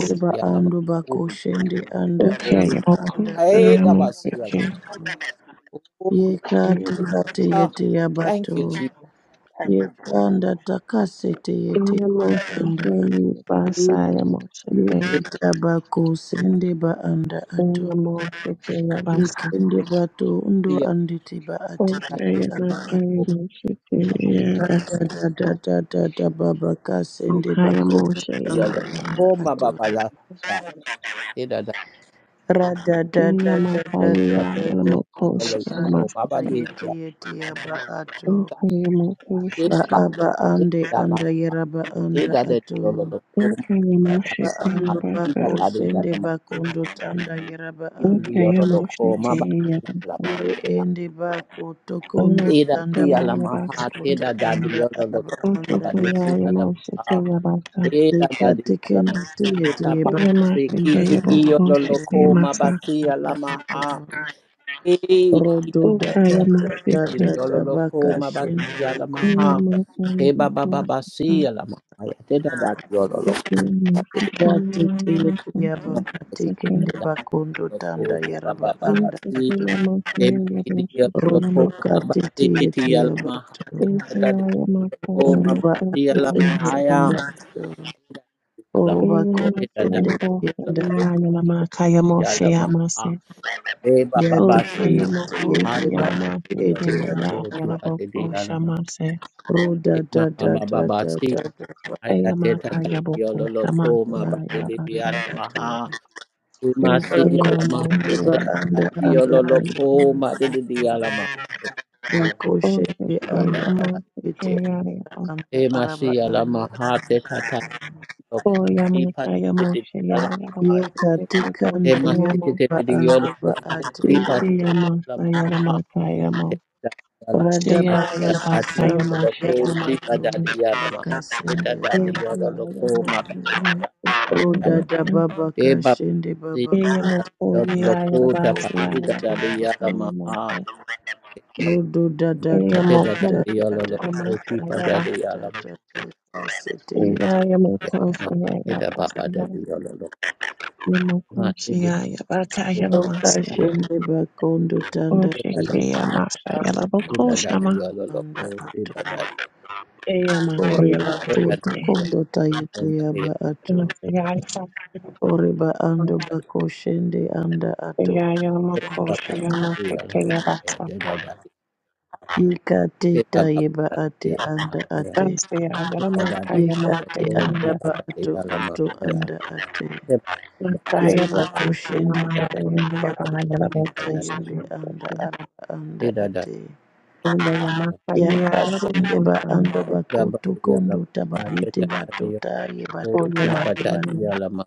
di di alama
andu
o
bakoshende anda
ko ti
araba anda
ai
araba
da basi alama o
yekati
glory
moshike
kati
ah
yete
thank
yabatu
you jesus
yekanda takasete yete
Ina moshe
anda
kei
so
ti
basaya moshe
tired.
kei.
yete tabako sende ba anda ato
Ina moshe kei basa.
yekende bato undo
ti ya
anditi ba ati
Moshe
ete
ya
di,
aba ato
matai moshe kei ya
da
basa.
da da da da da baba kasende
Okaya
bako
moshe ya
anda
yalo
ya
anda
basa.
ko ma
ato
baba da ti da da
Rada da da
Ina
da da da da
matai ya ya
da da
yalo
mokoshe ya
da
ko baba
da
basa.
di
yeti yeti yaba ato
Okaya mokoshe
ba
di.
kei.
aba ande
Ida
anda
basa,
yeraba anda
ida de
ato
yolo lo koma
Okaya
ya
moshe
ba
la
kei
ma, yala maha,
ando
basa.
bako
ida da de ya
sende
ma,
bakondo tanda yeraba
ida
anda
de
Okaya
yolo lo
moshe
koma ba
kei ya
de ya la
basa.
ma,
ore ende bako tokondo
Moshe
ida de
tanda
kei
ya
ya
ba
la
ya
ma
basa.
koto
ida da
anda
yolo lo
aba
Moshe
koma
anda
ba
kei
de
ya
si
ato
ya
ya la
moshe
ma,
kei ya basa.
ida da
deka
de ya ma,
tekende tiye
ita
tiye
ba
bako
se ki
anda
Yamashike
i i
tiyende
Yaboko
yolo lo
Shike
tiyende
koma ba
Masa
si ya
anda
la ma
ato
e ida
Rodo
ba
da
ba,
Ukaya
da da
ida
da
de
Moshike
da
yolo
da
lo
baka
koma ba de
shende
ya la ma
bakondo
Yamasa
e ba ba ba
Yaboko
ba si ya
tando.
la ma, ida da yolo
Ukiyamashike
Dati tele
Yamasa
kuya baka tekende
Sake
lo.
bakondo tanda
Loko Baba
yaraba
Baba
anda
Ishike
Si
ato.
Yamasa
Deba Didia
Yaboshike
Rodo
Loko
Yamasa
Baba
kati
Si
tiye
Titi
tiye
Alamaha
bato.
Tita
Ishaya
Dadi
Yamaka
Loko
Ondo
Mama
ba
Samoko
Si
ato ende
Alamahaya
anda
Shayamasake
ato.
Alama
Oroba
Yamaka
Tita Dadi
kosende
Yabosha
yanda.
Loko Tita
Yayalamaka
Dadi
Yamoshe
Alamaha
Yamase
Deba
Yati
Baba
kende
Si
tiye
Ushayamoko
tiye
Hati
ba ate
Shayamasake
ete ato
Loko
aba ato.
Tita di
Yayalaboko
Alama
Shamase
Roda
Ima
da da
Mama
da
Baba
da
Si
da da.
Aya Tita
Eyamaka
da.
Dadi
Yaboko Shamak
Loko
Ya
Mama Didi
Yalabaka
ato
Alamaha Ima Si
Shake
Alamaha
Yomo
akoshende ba
Shiro
Tita
anda
Dadi
anda ato
Loko
anda
Mama Didi
ato
Alamaha
O
akoshende
Shake
anda
Ibadatia.
Yamo
ato
Shake
ete
E
anda
Yariabo
anda
e
araba
masia la
anda
mahate tata
O
loko. I
Yamaka
patete
Yamo
de la
Shaya Yabo
ye
mahaya.
katika
E
anda ya
masete
Shayama
ba
de de
anda
yolo
ba
loko.
ate
I
Shake
patata
ende
la
Yamasa Yalamaka
mahate
Yamo
tata la
rada
mahate
Shaya Yalabaka
yolo
bakashisamba
Yamo
yadi
loko.
Shayama
I
Shake
batundu
badadi ya la mahate
bakasende
tata de
anda
yolo loko
Yamaka Yamo
mabadia.
roda
Shayama
da baba
E babadi
kashende baba
Eyamo
katika
yolo
anda
Koya
loko
baba
Yalabasa
tapati
kokoyete
tata
Yabasa
de ya la mahate.
Yamo
Rodo da da
Eya
da
Mahate tata
da
de
mokhosi
da
yolo
da da da
loko.
da
I
da
kwaMasiaya
patata ya la mahate.
da da da da sete yete.
eya mokhosi
Mahate
yaya kwasiya
tata Ma
mokhosi
e de
yaya
ko
bakaya
pa
Oka
te
bamasiya
ya
shende bakondo tanda
e bada
osheke
yete
yamasaya
e
akondo
dada de
labokhoshama
ya lo lo
tanda
ko e
ato.
bada
eya
Ore
makaya
e dada
bakoto
lamosheke
de ya
kondo
ko
tayete
na de
yaba
ya
ato.
e
masiya
Ore ba ando
ba
bako shende anda
Oche
ato
kaya masa yala
te ba
kondo
mokosi yama. Eya masa yala mokosi kaya. masiya yamokhoshi
ba ba
anda.
de ya la
yamaseke
ma e
yabasa
de dada de
Yika
e ba
teta
ba ba
yeba
da de
ate
ya ma
anda
ya
ate.
masiya
e dada de
yamakaya
ya
Yika
lo
mosiya
te
ko e
anda ba
bada de
yabasa
ato
ya la ma
oto
ya
anda ate.
e ba ba ba
Iri
masaya
de ya la ma
bokhoshi
makushindi
e dada de ya
yamasaya
makunda
ko
yabaya
e
bakutanda
bada de
yende
labokhoshama
anda araba anda
e dada
ate.
Oya
da
yamaka yeya
Yakasende ba
yarokosha
anda
mate.
da ba
bakoto
de ya la
kondo
ma e
tabayete
dada de ya
batota
lo
ye
ko
Oya
batota
e
mate
ye
bada
bat.
de
yeya
ya la ma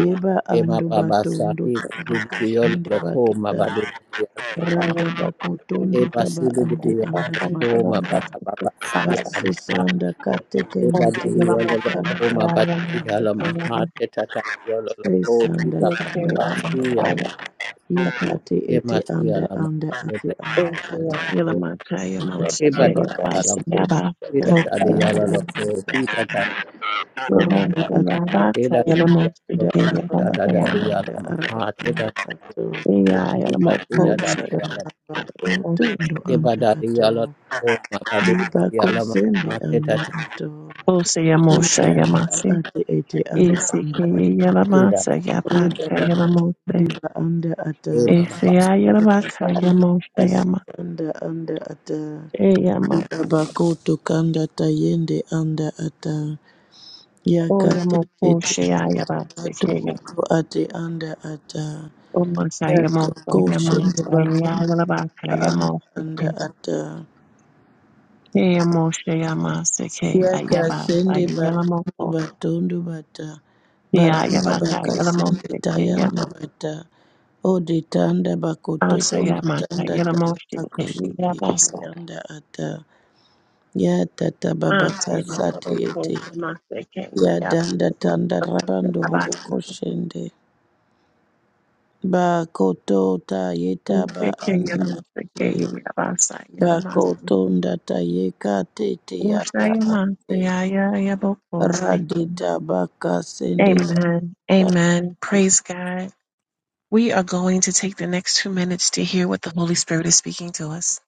Yeba
Ema
ando
baba
batondo
saki kiri diyo
tabakashinde
loko ma
batota.
bade diya lama.
shaya
Rada
yesite
bakotondo
Eba
taba
yabasi.
siri
ande
diyo
anda
loko
Okosha
bat.
ma baba
yamase
baba siya
kutasa.
lama.
Basisanda
Eba
katekende
Osa
te
diyo
yende
loko
yaramokosha
ma
karaba
bade diya
yayamase
lama.
yabasi.
Teta ta diyo loko
Sanda
tita
Oke
tanda
baba
yamaka
siya
tanda
lama.
ya
ya. Yikati
Ema
iti
siya
anda
lama.
anda ati
Eba
anda
Ese
diyo
ata
loko.
yamaka
anda
yamose
Eba
ke
baba
diya
yabasi
lama.
kashinde
yabasi.
Tita ta
tanda
Yamoka
diya
anda
yamase.
loko. Tita ta
Oranda,
Yamose
ati
yabaka
tita
shinde
diya loko.
yaramose
anda
ke
anda
Tita ta
yabasi
anda
yama.
diya
anda
lama.
araba anda
Teta
ato
Eya
tita tita
adi
yaramokosha ya
diya
taraba otondo anda
Ibadari
ato
yala o mabadi
yiba
yala ma-
kosende
ma- te- ta-
anda
ta- ti-
ato
Ose
yiba
yamosha
ta- ta-
anda
yamase.
ati iti aba anda ato
Isikeye
ti- da-
Isikiyamasa
ba-
yabaka
daba
yamamose.
diba anda
e- ma-
ata
ma- ba.
Isiya yabaka yamose yama.
Kasanda anda ata
Eyama.
ibabako tokanda tayende anda ata
O
yakatete
yamoko shiya yabase
bato
kaya.
uko ate anda ata
O masa yamosa
yatoko shende
yamasa ya
bakondo
yabaka
ba anda
yamose
anda
kaya.
ata
Eyamoshe yamase kaya yabasa
yakasende batondo
yalamoko.
batondo bata
Siya
baranda
yabaka
bakasende
yalamose kaya
tayanda
yama.
bata ode tanda
Asa
bakotoko
yamaka
tanda tanda
yalamose kaya
bakoshende
yabasa.
yanda ata. Ya tata baba
Asa
kasate
yalamoko
yete.
shamase
Ya
kaya
danda tanda rabando robo
yabasa.
koshende. Ba koto ta yeta ba anda
Amen.
ate. Ba koto ndata yeka tete yata ate. Radita baka sende yata ate.
Amen. Praise God. We are going to take the next two minutes to hear what the Holy Spirit is speaking to us.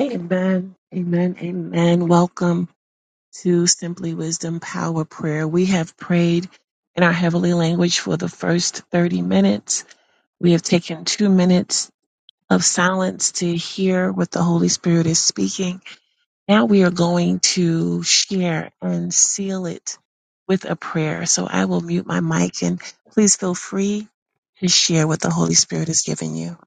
Amen. Amen. Amen. Welcome to Simply Wisdom Power Prayer. We have prayed in our heavenly language for the first 30 minutes. We have taken two minutes of silence to hear what the Holy Spirit is speaking. Now we are going to share and seal it with a prayer. So I will mute my mic and please feel free to share what the Holy Spirit is giving you.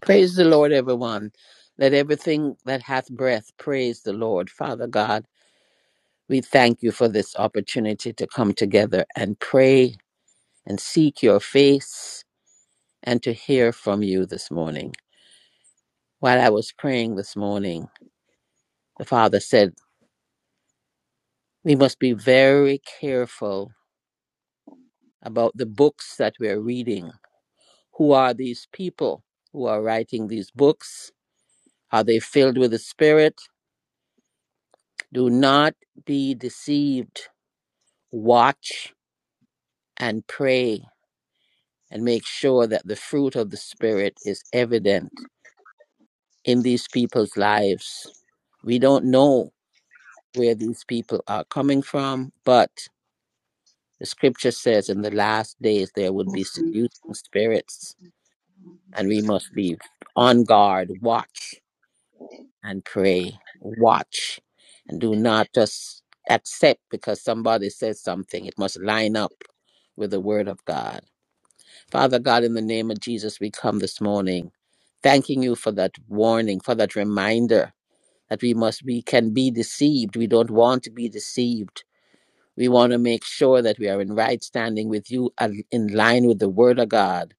Praise the Lord, everyone. Let everything that hath breath praise the Lord. Father God, we thank you for this opportunity to come together and pray and seek your face and to hear from you this morning. While I was praying this morning, the Father said, We must be very careful about the books that we're reading Who are these people who are writing these books? Are they filled with the Spirit? Do not be deceived. Watch and pray and make sure that the fruit of the Spirit is evident in these people's lives. We don't know where these people are coming from, but the scripture says in the last days there would
Bosnia
be
and
seducing
Herzegovina,
spirits, and we must
Montenegro, and
be on guard, watch. and pray, watch, and do not just accept because somebody says something. It must line up with the Word of God. Father God, in the name of Jesus, we come this morning thanking you for that warning, for that reminder that we must, we can be deceived. We don't want to be deceived we want to make sure that we are in right standing with you and in line with the Word of God.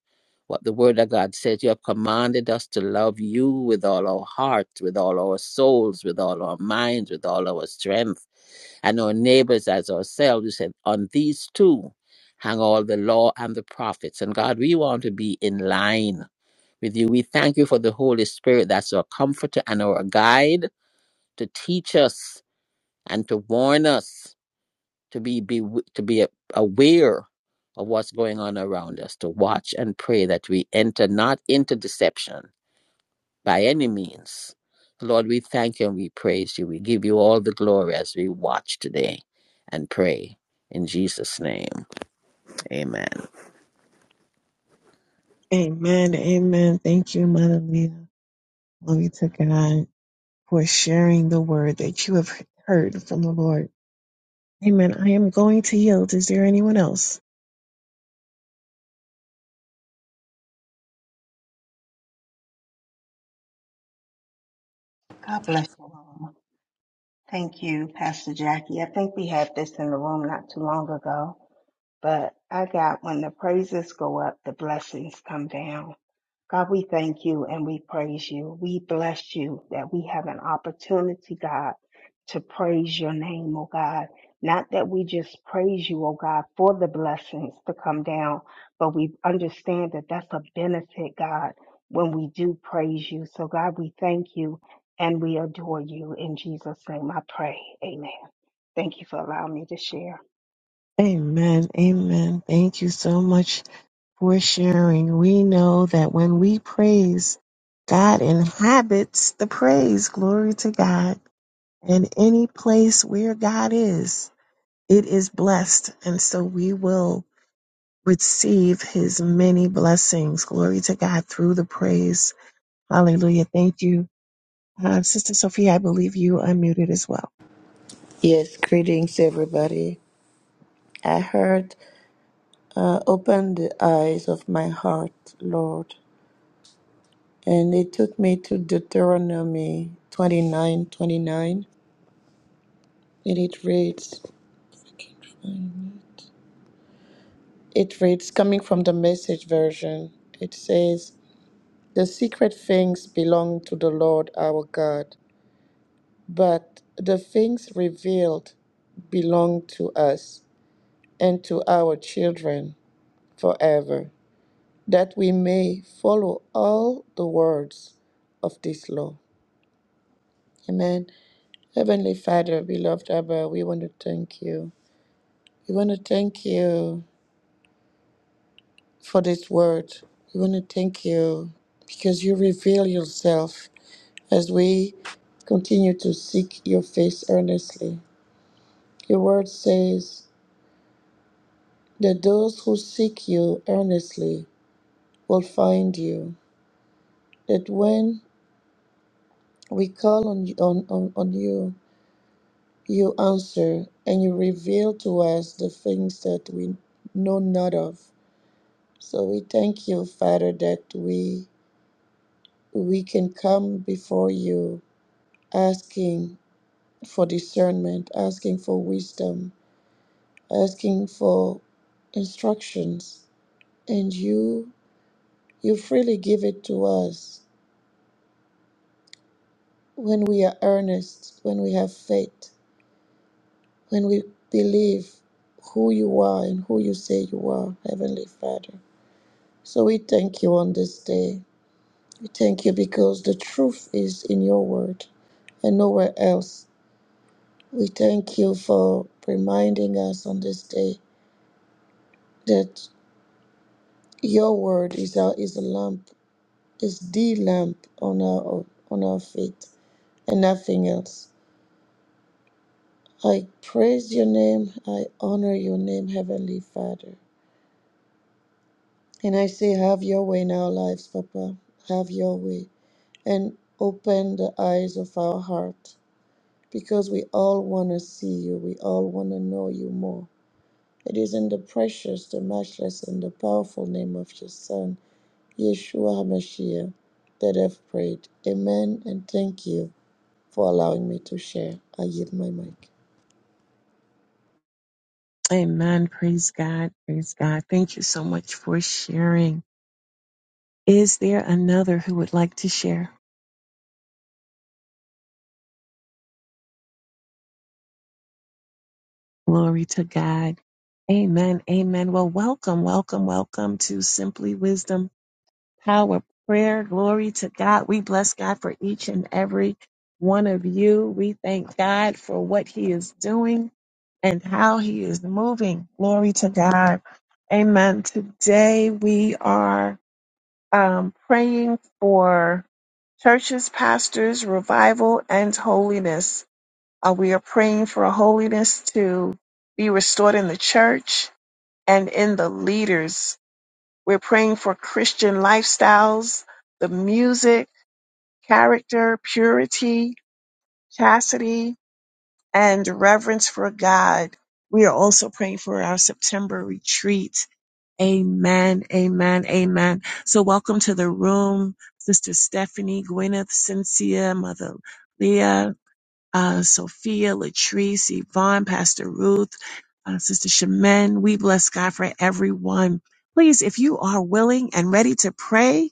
What the Word of God says, you have commanded us to love you with all our hearts, with all our souls, with all our minds, with all our strength, and our neighbors as ourselves. You said, on these two hang all the law and the prophets. And God, we want to be in line with you. We thank you for the Holy Spirit that's our comforter and our guide to teach us and to warn us to be, be to be aware of what's going on around us, to watch and pray that we enter not into deception by any means. Lord, we thank you and we praise you. We give you all the glory as we watch today and pray. In Jesus' name, amen.
Amen. Amen. Thank you, Mother Leah. Glory to God for sharing the word that you have heard from the Lord. Amen. I am going to yield. Is there anyone else?
God bless you, Mama. Thank you, Pastor Jackie. I think we had this in the room not too long ago, but I got when the praises go up, the blessings come down. God, we thank you and we praise you. We bless you that we have an opportunity, God, to praise your name, oh God. Not that we just praise you, oh God, for the blessings to come down, but we understand that that's a benefit, God, when we do praise you. So, God, we thank you and we adore you. In Jesus' name I pray. Amen. Thank you for allowing me to share.
Amen. Amen. Thank you so much. for sharing. We know that when we praise, God inhabits the praise. Glory to God. And any place where God is, it is blessed. And so we will receive his many blessings. Glory to God through the praise. Hallelujah. Thank you uh, Sister Sophia, I believe you unmuted as well.
Yes, greetings everybody. I heard, uh, open the eyes of my heart, Lord. And it took me to Deuteronomy 29, 29. And it reads, um, it reads, coming from the message version, it says, The secret things belong to the Lord our God, but the things revealed belong to us and to our children forever, that we may follow all the words of this law. Amen. Heavenly Father, beloved Abba, we want to thank you. We want to thank you. for this word. We want to thank you because you reveal yourself as we continue to seek your face earnestly. Your word says that those who seek you earnestly will find you, that when we call on, on, on, on you, you answer and you reveal to us the things that we know not of. So we thank you, Father, that we we can come before you asking for discernment, asking for wisdom, asking for instructions, and you you freely give it to us when we are earnest, when we have faith, when we believe who you are and who you say you are, Heavenly Father. So we thank you on this day. We thank you because the truth is in your word and nowhere else. We thank you for reminding us on this day that. Your word is our is a lamp, is the lamp on our on our feet, and nothing else. I praise your name. I honor your name, Heavenly Father. And I say, have your way in our lives, Papa. Have your way, and open the eyes of our heart, because we all want to see you. We all want to know you more. It is in the precious, the matchless, and the powerful name of your Son. Yeshua HaMashiach, that have prayed. Amen, and thank you for allowing me to share. I yield my mic.
Amen. Praise God. Praise God. Thank you so much for sharing. Is there another who would like to share? Glory to God. Amen. Amen. Well, welcome, welcome, welcome to Simply Wisdom power prayer. Glory to God. We bless God for each and every one of you. We thank God for what He is doing and how He is moving. Glory to God. Amen. Today we are um, praying for churches, pastors, revival, and holiness. Uh, we are praying for holiness to be restored in the church and in the leaders we're praying for Christian lifestyles, the music, character, purity, chastity, and reverence for God. We are also praying for our September retreat. Amen, amen, amen. So welcome to the room, Sister Stephanie, Gwyneth, Cynthia, Mother Leah, uh, Sophia, Latrice, Yvonne, Pastor Ruth, uh, Sister Shemin. We bless God for everyone. Please, if you are willing and ready to pray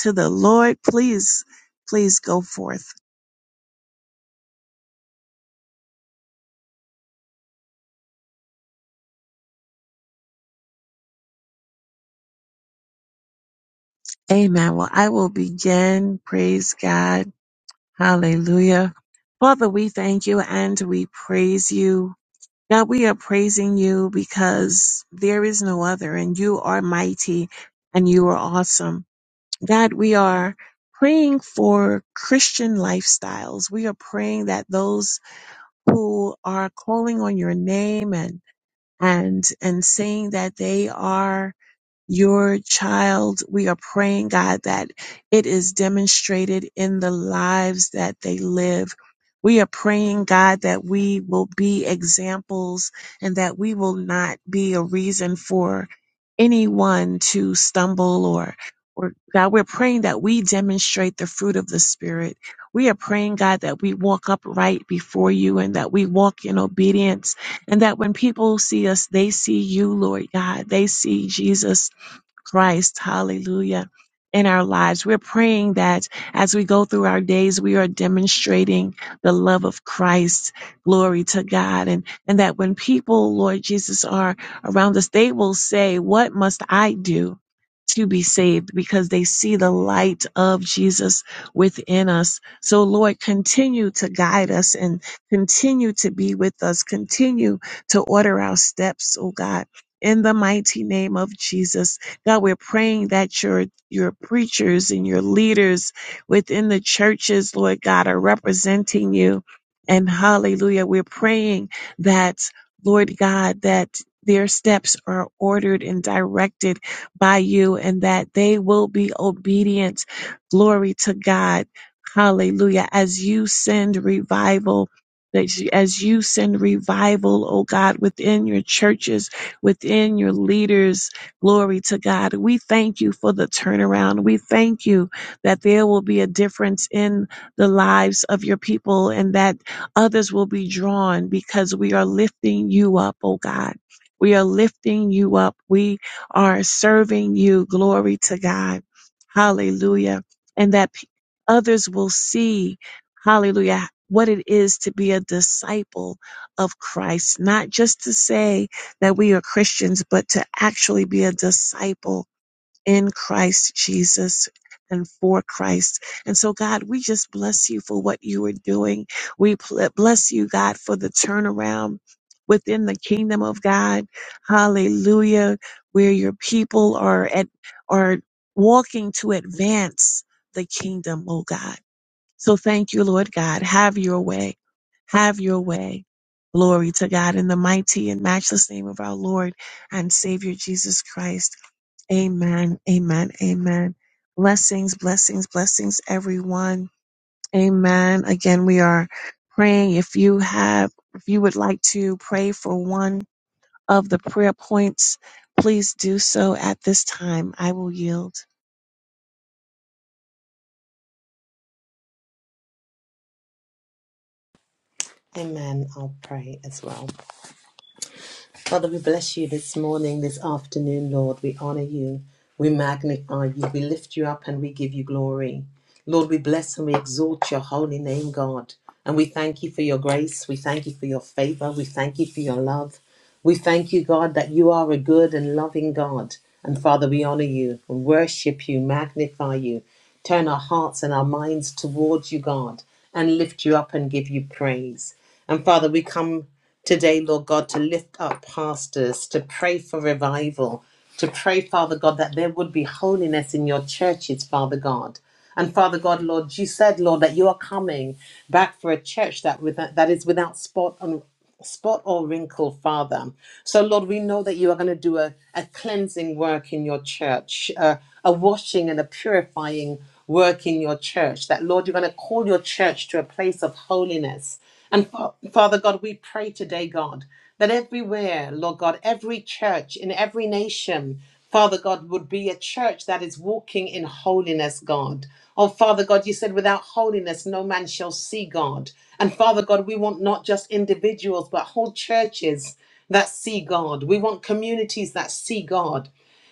to the Lord, please, please go forth. Amen. Well, I will begin. Praise God. Hallelujah. Father, we thank you and we praise you. God, we are praising you because there is no other and you are mighty and you are awesome. God, we are praying for Christian lifestyles. We are praying that those who are calling on your name and and and saying that they are your child. We are praying, God, that it is demonstrated in the lives that they live. We are praying, God, that we will be examples and that we will not be a reason for anyone to stumble or or God, we're praying that we demonstrate the fruit of the Spirit. We are praying, God, that we walk upright before you and that we walk in obedience and that when people see us, they see you, Lord God. They see Jesus Christ, hallelujah, in our lives. We're praying that as we go through our days, we are demonstrating the love of Christ. Glory to God. And, and that when people, Lord Jesus, are around us, they will say, What must I do? To be saved because they see the light of Jesus within us. So, Lord, continue to guide us and continue to be with us. Continue to order our steps, oh God, in the mighty name of Jesus. God, we're praying that your your preachers and your leaders within the churches, Lord God, are representing you. And hallelujah, we're praying that, Lord God, that their steps are ordered and directed by you and that they will be obedient. Glory to God. Hallelujah. As you send revival, that you- as you send revival, oh God, within your churches, within your leaders, Glory to God. We thank you for the turnaround. We thank you that there will be a difference in the lives of your people and that others will be drawn because we are lifting you up, oh God. We are lifting you up. We are serving you. Glory to God. Hallelujah. And that p- others will see, hallelujah, what it is to be a disciple of Christ, not just to say, that we are Christians, but to actually be a disciple in Christ Jesus and for Christ. And so, God, we just bless you for what you are doing. We pl- bless you, God, for the turnaround within the kingdom of God. Hallelujah. Where your people are at, are walking to advance the kingdom, oh God. So thank you, Lord God. Have your way. Have your way. Glory to God in the mighty and matchless name of our Lord and Savior Jesus Christ. Amen. Amen. Amen. Blessings, blessings, blessings, everyone. Amen. Again, we are praying. If you have, if you would like to pray for one of the prayer points, please do so at this time. I will yield.
Amen. I'll pray as well. Father, we bless you this morning, this afternoon, Lord. We honor you. We magnify you. We lift you up and we give you glory. Lord, we bless and we exalt your holy name, God. And we thank you for your grace. We thank you for your favor. We thank you for your love. We thank you, God, that you are a good and loving God. And Father, we honor you, worship you, magnify you, turn our hearts and our minds towards you, God, and lift you up and give you praise. And Father, we come today, Lord God, to lift up pastors, to pray for revival, to pray, Father God, that there would be holiness in your churches, Father God. And Father God, Lord, you said, Lord, that you are coming back for a church that with, that is without spot spot or wrinkle, Father. So, Lord, we know that you are going to do a, a cleansing work in your church, uh, a washing and a purifying work in your church. That, Lord, you're going to call your church to a place of holiness. And Fa- Father God, we pray today, God, that everywhere, Lord God, every church in every nation, Father God, would be a church that is walking in holiness, God. Oh, Father God, you said without holiness, no man shall see God. And Father God, we want not just individuals, but whole churches that see God. We want communities that see God.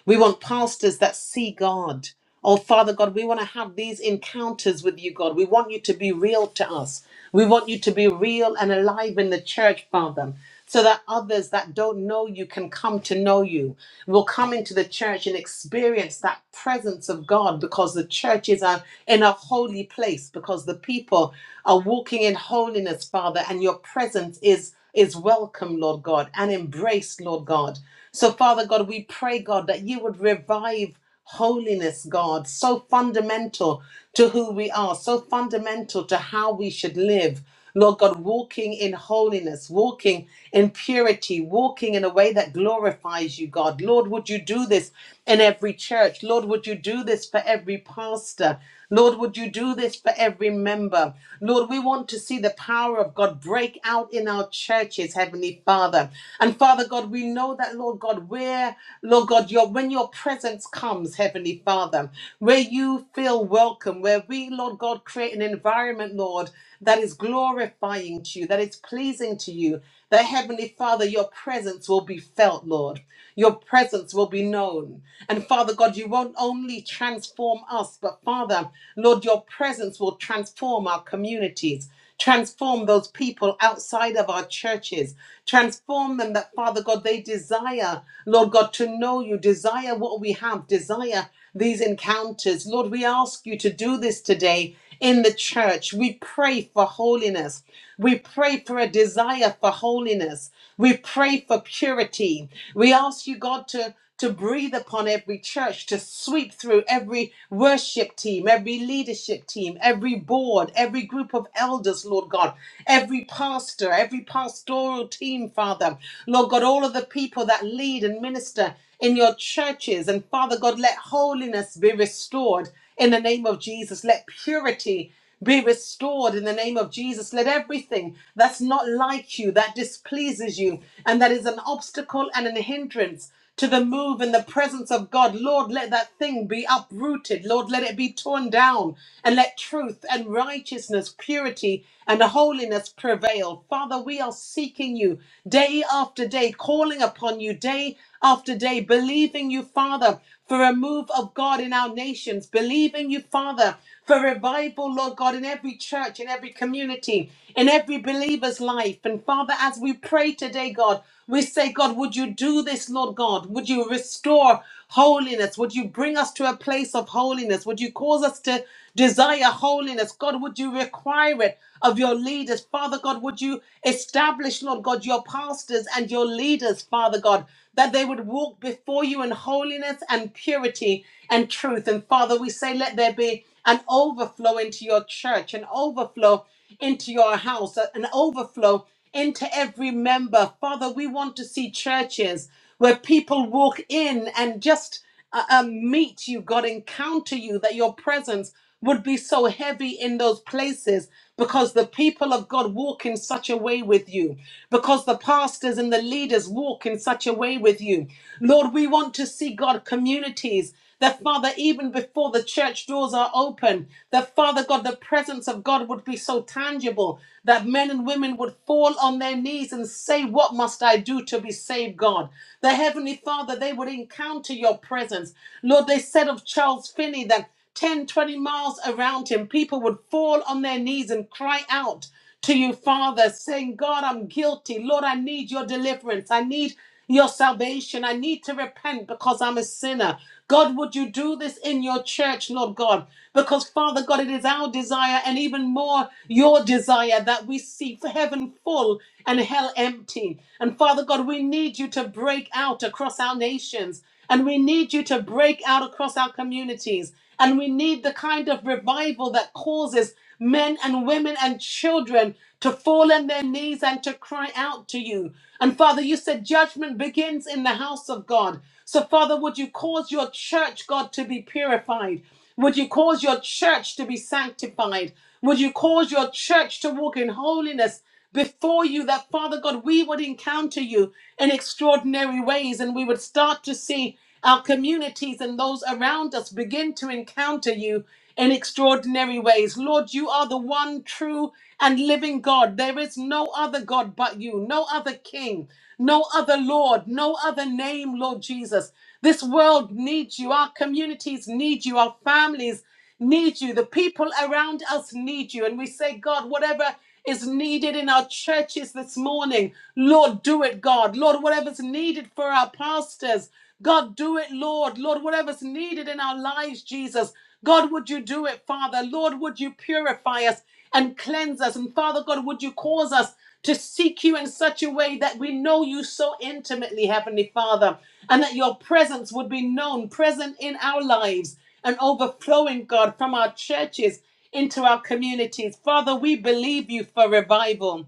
We want pastors that see God. Oh, Father God, we want to have these encounters with you, God. We want you to be real to us. We want you to be real and alive in the church, Father, so that others that don't know you can come to know you, will come into the church and experience that presence of God because the church is a, in a holy place, because the people are walking in holiness, Father, and your presence is is welcome, Lord God, and embraced, Lord God. So, Father God, we pray, God, that you would revive holiness, God, so fundamental to who we are, so fundamental to how we should live. Lord God, walking in holiness, walking in purity, walking in a way that glorifies you, God. Lord, would you do this in every church? Lord, would you do this for every pastor? Lord, would you do this for every member? Lord, we want to see the power of God God, break out in our churches, Heavenly Father. And Father God, we know that, Lord God, where, Lord God, your when your presence comes, Heavenly Father, where you feel welcome, where we, Lord God, create an environment, Lord, that is glorifying to you, that is pleasing to you, that Heavenly Father, your presence will be felt, Lord. Your presence will be known. And Father God, you won't only transform us, but Father, Lord, your presence will transform our communities. Transform those people outside of our churches. Transform them that, Father God, they desire, Lord God, to know you, desire what we have, desire these encounters. Lord, we ask you to do this today in the church. We pray for holiness. We pray for a desire for holiness. We pray for purity. We ask you, God, to to breathe upon every church, to sweep through every worship team, every leadership team, every board, every group of elders, Lord God, every pastor, every pastoral team, Father. Lord God, all of the people that lead and minister in your churches. And Father God, let holiness be restored in the name of Jesus. Let purity be restored in the name of Jesus. Let everything that's not like you, that displeases you, and that is an obstacle and an hindrance to the move in the presence of God, Lord, let that thing be uprooted. Lord, let it be torn down and let truth and righteousness, purity and holiness prevail. Father, we are seeking you day after day, calling upon you day after day, believing you, Father, for a move of God in our our nations, believing you, Father, for revival, Lord God, in every church, in every community, in every believer's life. And Father, as we pray today, God, we say, God, would you do this, Lord God? Would you restore holiness? Would you bring us to a place of holiness? Would you cause us to desire holiness? God, would you require it of your leaders? Father God, would you establish, Lord God, your pastors and your leaders, Father God, that they would walk? walk before you in holiness and purity and truth. And Father, we say, let there be an overflow into your church, an overflow into your house, an overflow into every member. Father, we want to see churches where people walk in and just uh, uh, meet you, God encounter you, that your presence would be so heavy in those places because the people of God walk in such a way with you, because the pastors and the leaders walk in such a way with you. Lord, we want to see God communities. That Father, even before the church doors are open, that Father God, the presence of God would be so tangible that men and women would fall on their knees and say, What must I do to be saved, God? The Heavenly Father, they would encounter your presence. Lord, they said of Charles Finney that 10, 20 miles around him, people would fall on their knees and cry out to you, Father, saying, God, I'm guilty. Lord, I need your deliverance. I need your salvation. I need to repent because I'm a sinner. God, would you do this in your church, Lord God? Because, Father God, it is our desire and even more your desire that we see heaven full and hell empty. And, Father God, we need you to break out across our nations and we need you to break out across our communities. And we need the kind of revival that causes men and women and children to fall on their knees and to cry out to you. And Father, you said judgment begins in the house of God. So, Father, would you cause your church, God, to be purified? Would you cause your church to be sanctified? Would you cause your church to walk in holiness before you that, Father God, we would encounter you in extraordinary ways and we would start to see our communities and those around us begin to encounter you in extraordinary ways. Lord, you are the one true and living God. There is no other God but you, no other King, no other Lord, no other name, Lord Jesus. This world needs you. Our communities need you. Our families need you. The people around us need you. And we say, God, whatever is needed in our churches this morning, Lord, do it, God. Lord, whatever's needed for our pastors, God, do it, Lord. Lord, whatever's needed in our lives, Jesus, God, would you do it, Father? Lord, would you purify us and cleanse us? And Father God, would you cause us to seek you in such a way that we know you so intimately, Heavenly Father, and that your presence would be known, present in our lives and overflowing, God, from our churches into our communities. Father, we believe you for revival.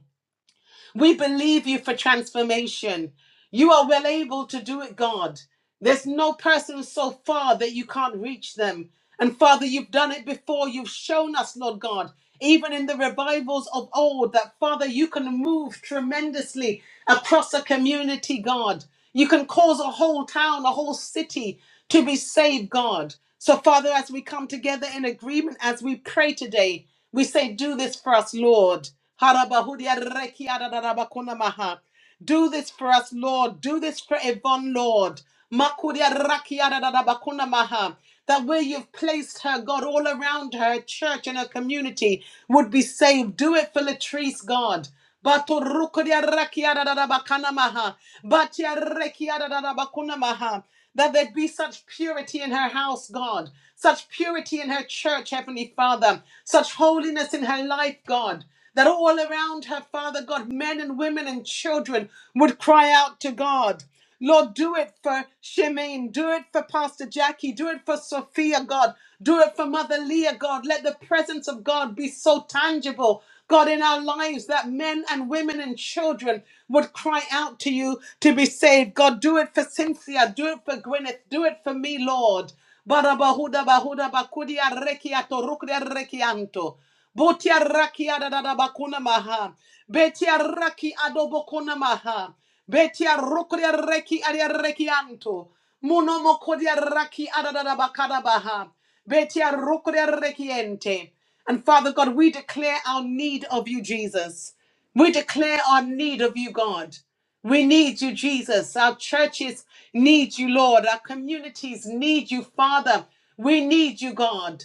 We believe you for transformation. You are well able to do it, God. There's no person so far that you can't reach them. And Father, you've done it before. You've shown us, Lord God, even in the revivals of old, that Father, you can move tremendously across a community, God. You can cause a whole town, a whole city to be saved, God. So, Father, as we come together in agreement, as we pray today, we say, Do this for us, Lord. Harabahudiarekiadadadabakunamaha. Do this for us, Lord. Do this for Yvonne, Lord. Makudiarakiadadadabakunamaha. That where you've placed her, God, all around her church and her community would be saved. Do it for Latrice, God. Bato rukuria rakia da da da bakana maha. Batia rekia da da da bakuna maha. That there be such purity in her house, God. Such purity in her church, Heavenly Father. Such holiness in her life, God. That all around her, Father God, men and women and children would cry out to God. Lord, do it for Shemaine. Do it for Pastor Jackie. Do it for Sophia, God. Do it for Mother Leah, God. Let the presence of God be so tangible God, in our lives, that men and women and children would cry out to you to be saved. God, do it for Cynthia, do it for Gwyneth, do it for me, Lord. Barabahuda bahuda bakudia rekiato rukria rekianto. Botia rakia da da da bakuna maha. Betia raki adobokuna maha. Betia rukria reki aria rekianto. Muno mokodia raki ada bakada baha. Betia rukria rekiente. And Father God, we declare our need of you, Jesus. We declare our need of you, God. We need you, Jesus. Our churches need you, Lord. Our communities need you, Father. We need you, God.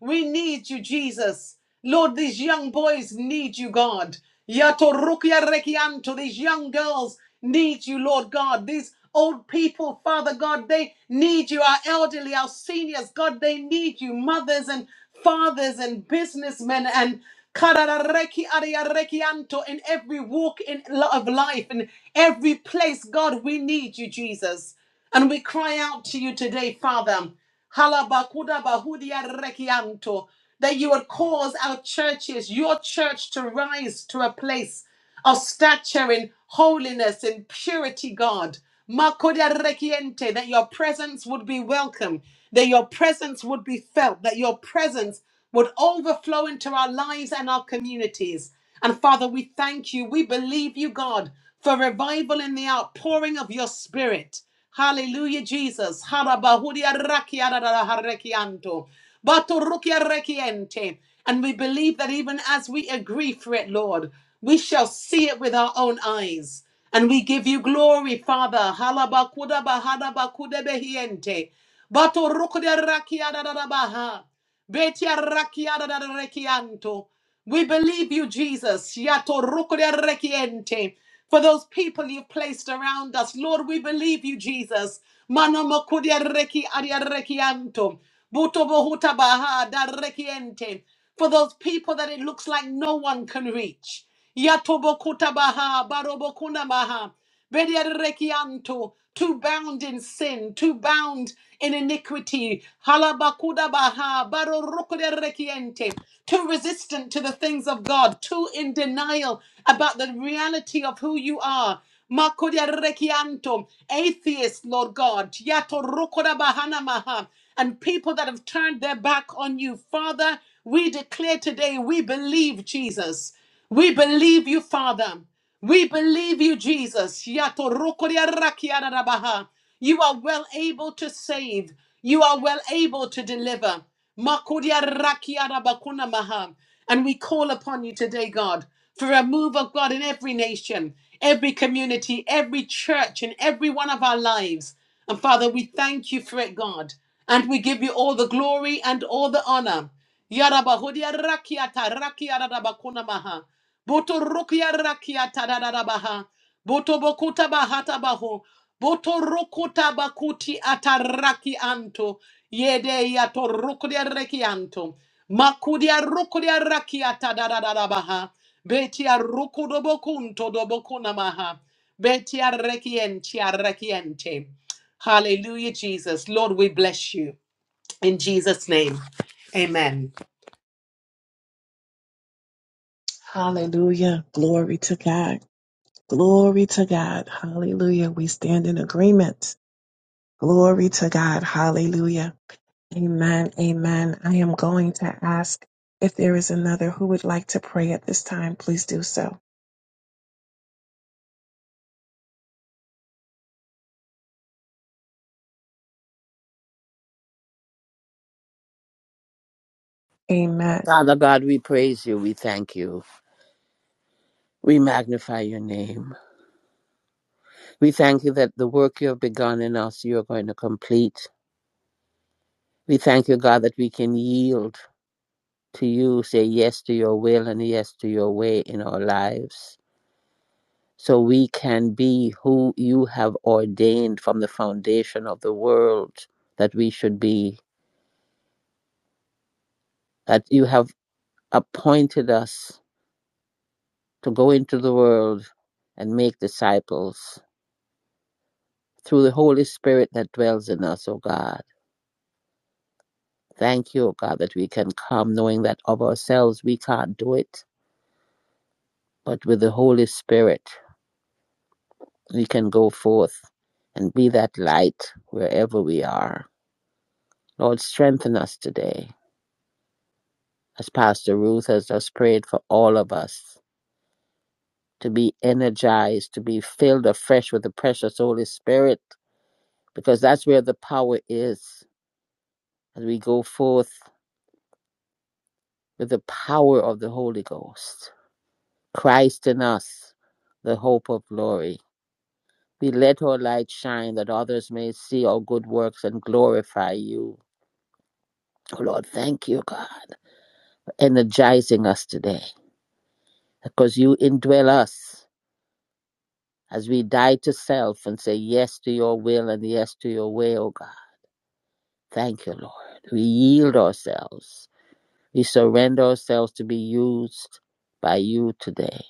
We need you, Jesus. Lord, these young boys need you, God. These young girls need you, Lord God. These old people, Father God, they need you. Our elderly, our seniors, God, they need you. Mothers and fathers and businessmen and kararareki ariarekianto in every walk in lo- of life in every place god we need you jesus and we cry out to you today father halabakudabahudiarekianto, that you would cause our churches your church to rise to a place of stature in holiness and purity, God. Makoda rekiente, That your presence would be welcome, that your presence would be felt, that your presence would overflow into our lives and our communities. And Father, we thank you. We believe you, God, for revival in the outpouring of your spirit. Hallelujah, Jesus. Harabahuria rakiarara harekianto. Batorukia rekiente. And we believe that even as we agree for it, Lord, we shall see it with our own eyes. And we give you glory, Father. Halabakuda bahada bakude behiente. bato rukude rakia da da da baha. Betia rakiada da rekianto. We believe you, Jesus. Yato roko de rekiente. For those people you've placed around us, Lord, we believe you, Jesus. Mano moko de reki adia rekianto. Buto bohuta baha da rekiente. For those people that it looks like no one can reach. Yato baha, barobokuna baha. Bediarekianto, too bound in sin, too bound in iniquity, halabakudabaha, barorokoderekiente, too resistant to the things of God, too in denial about the reality of who you are. Makoderekianto, Atheists, Lord God, yatorokodabahanamaha, and people that have turned their back on you. Father, we declare today we believe Jesus. We believe you, Father. We believe you, Jesus. Yato You are well able to save. You are well able to deliver. Makodia And we call upon you today, God, for a move of God in every nation, every community, every church, in every one of our lives. And Father, we thank you for it, God. And we give you all the glory and all the honor. Yarabahodia Boto rokia rakia tadadabaha. Boto bokuta bahata baho. Boto rokuta bakuti ataraki anto. Yede yato rokudia rekianto. Makudia rokudia rakia tadadabaha. Betia rokudo bokunto do bokuna maha. Betia rekientia rekiente. Hallelujah, Jesus. Lord, we bless you. In Jesus' name. Amen.
Hallelujah. Glory to God. Glory to God. Hallelujah. We stand in agreement. Glory to God. Hallelujah. Amen. Amen. I am going to ask if there is another who would like to pray at this time, please do so. Amen.
Father God, we praise you. We thank you. We magnify your name. We thank you that the work you have begun in us, you are going to complete. We thank you, God, that we can yield to you, say yes to your will and yes to your way in our lives. So we can be who you have ordained from the foundation of the world that we should be, that you have appointed us to go into the world and make disciples through the Holy Spirit that dwells in us, O God. Thank you, O God, that we can come knowing that of ourselves we can't do it, but with the Holy Spirit. we can go forth and be that light wherever we are. Lord, strengthen us today, as Pastor Ruth has just prayed for all of us, to be energized, to be filled afresh with the precious Holy Spirit, because that's where the power is. As we go forth with the power of the Holy Ghost, Christ in us, the hope of glory. We let our light shine that others may see our good works and glorify you. Oh Lord, thank you, God energizing us today because you indwell us as we die to self and say yes to your will and yes to your way, O God. Thank you, Lord. We yield ourselves. We surrender ourselves to be used by you today.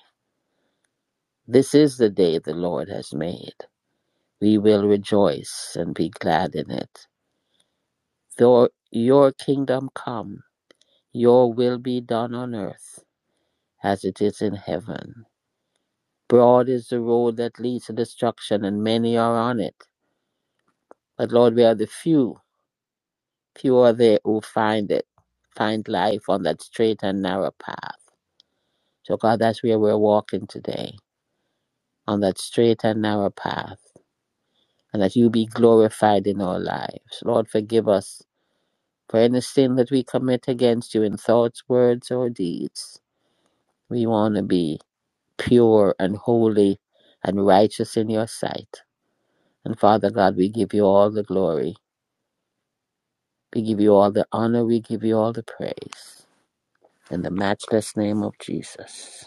This is the day the Lord has made. We will rejoice and be glad in it. Your, your kingdom come, your will be done on earth as it is in heaven. Broad is the road that leads to destruction, and many are on it. But Lord, we are the few. Few are there who find it, find life on that straight and narrow path. So, God, that's where we're walking today, on that straight and narrow path, and that you be glorified in our lives. Lord, forgive us for any sin that we commit against you in thoughts, words, or deeds. We want to be pure and holy and righteous in your sight. And Father God, we give you all the glory We give you all the honor, we give you all the praise. In the matchless name of Jesus.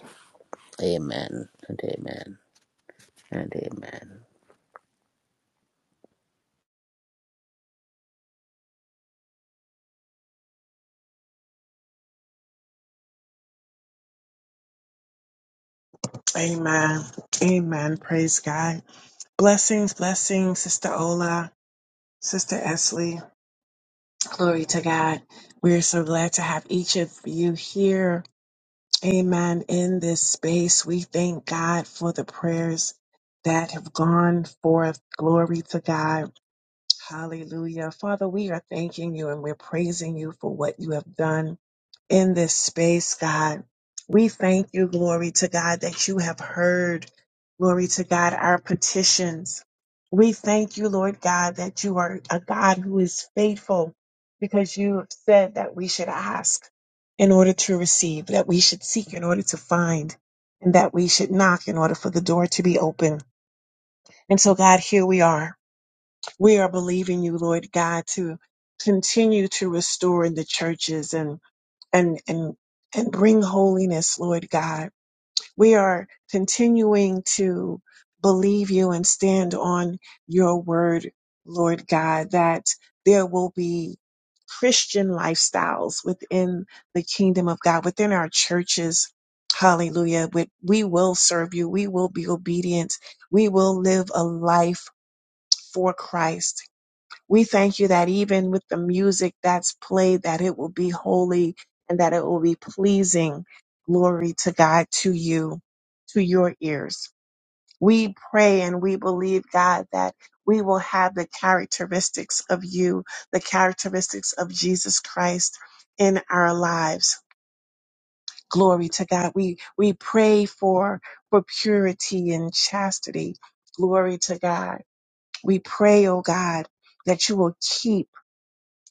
Amen and amen and amen.
Amen. Amen. Praise God. Blessings, blessings, Sister Ola, Sister Esley. Glory to God. We are so glad to have each of you here. Amen. In this space, we thank God for the prayers that have gone forth. Glory to God. Hallelujah. Father, we are thanking you and we're praising you for what you have done in this space, God. We thank you, glory to God, that you have heard, glory to God, our petitions. We thank you, Lord God, that you are a God who is faithful because you have said that we should ask in order to receive, that we should seek in order to find, and that we should knock in order for the door to be open. And so, God, here we are. We are believing you, Lord God, to continue to restore in the churches and and and and bring holiness, Lord God. We are continuing to believe you and stand on your word, Lord God, that there will be Christian lifestyles within the kingdom of God, within our churches. Hallelujah. We, we will serve you. We will be obedient. We will live a life for Christ we thank you that even with the music that's played, that it will be holy and that it will be pleasing. Glory to God, to you, to your ears. We pray and we believe, God, that we will have the characteristics of you, the characteristics of Jesus Christ in our lives. Glory to God. We, we pray for, for purity and chastity. Glory to God. We pray, oh God, that you will keep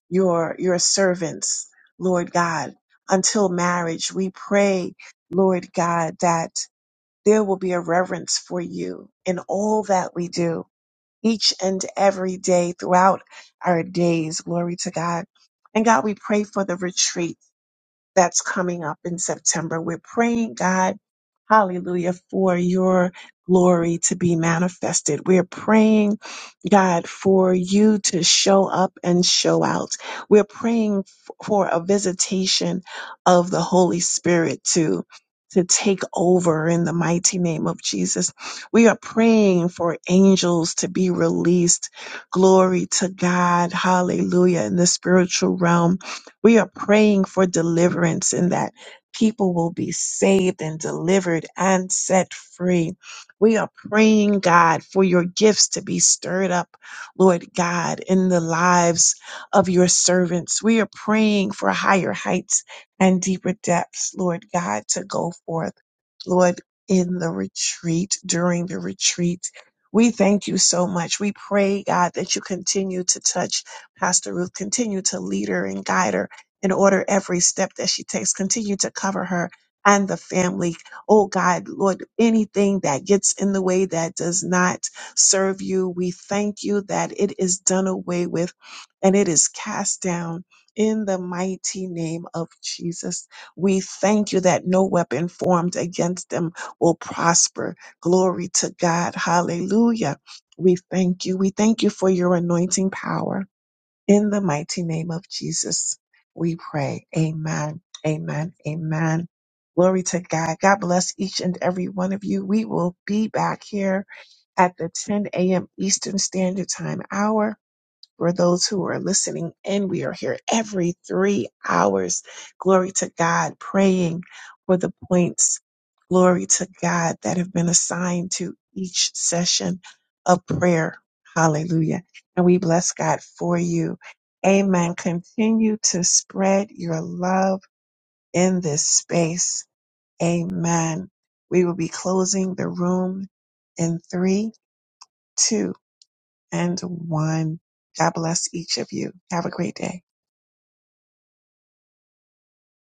your your servants, Lord God, until marriage. We pray, Lord God, that there will be a reverence for you in all that we do, each and every day throughout our days. Glory to God. And God, we pray for the retreat that's coming up in September. We're praying, God, hallelujah, for your glory to be manifested. We're praying, God, for you to show up and show out. We're praying f- for a visitation of the Holy Spirit to to take over in the mighty name of Jesus. We are praying for angels to be released. Glory to God. Hallelujah. In the spiritual realm we are praying for deliverance and that people will be saved and delivered and set free. We are praying, God, for your gifts to be stirred up, Lord God, in the lives of your servants. We are praying for higher heights and deeper depths, Lord God, to go forth, Lord, in the retreat, during the retreat. We thank you so much. We pray, God, that you continue to touch Pastor Ruth, continue to lead her and guide her and order every step that she takes. Continue to cover her and the family. Oh God, Lord, anything that gets in the way that does not serve you, we thank you that it is done away with and it is cast down. In the mighty name of Jesus, we thank you that no weapon formed against them will prosper. Glory to God. Hallelujah. We thank you. We thank you for your anointing power. In the mighty name of Jesus, we pray. Amen. Amen. Amen. Glory to God. God bless each and every one of you. We will be back here at the 10 a.m. Eastern Standard Time hour for those who are listening in. We are here every three hours. Glory to God, praying for the points. Glory to God that have been assigned to each session of prayer. Hallelujah. And we bless God for you. Amen. Continue to spread your love in this space. Amen. We will be closing the room in three, two, and one. God bless each of you. Have a great day.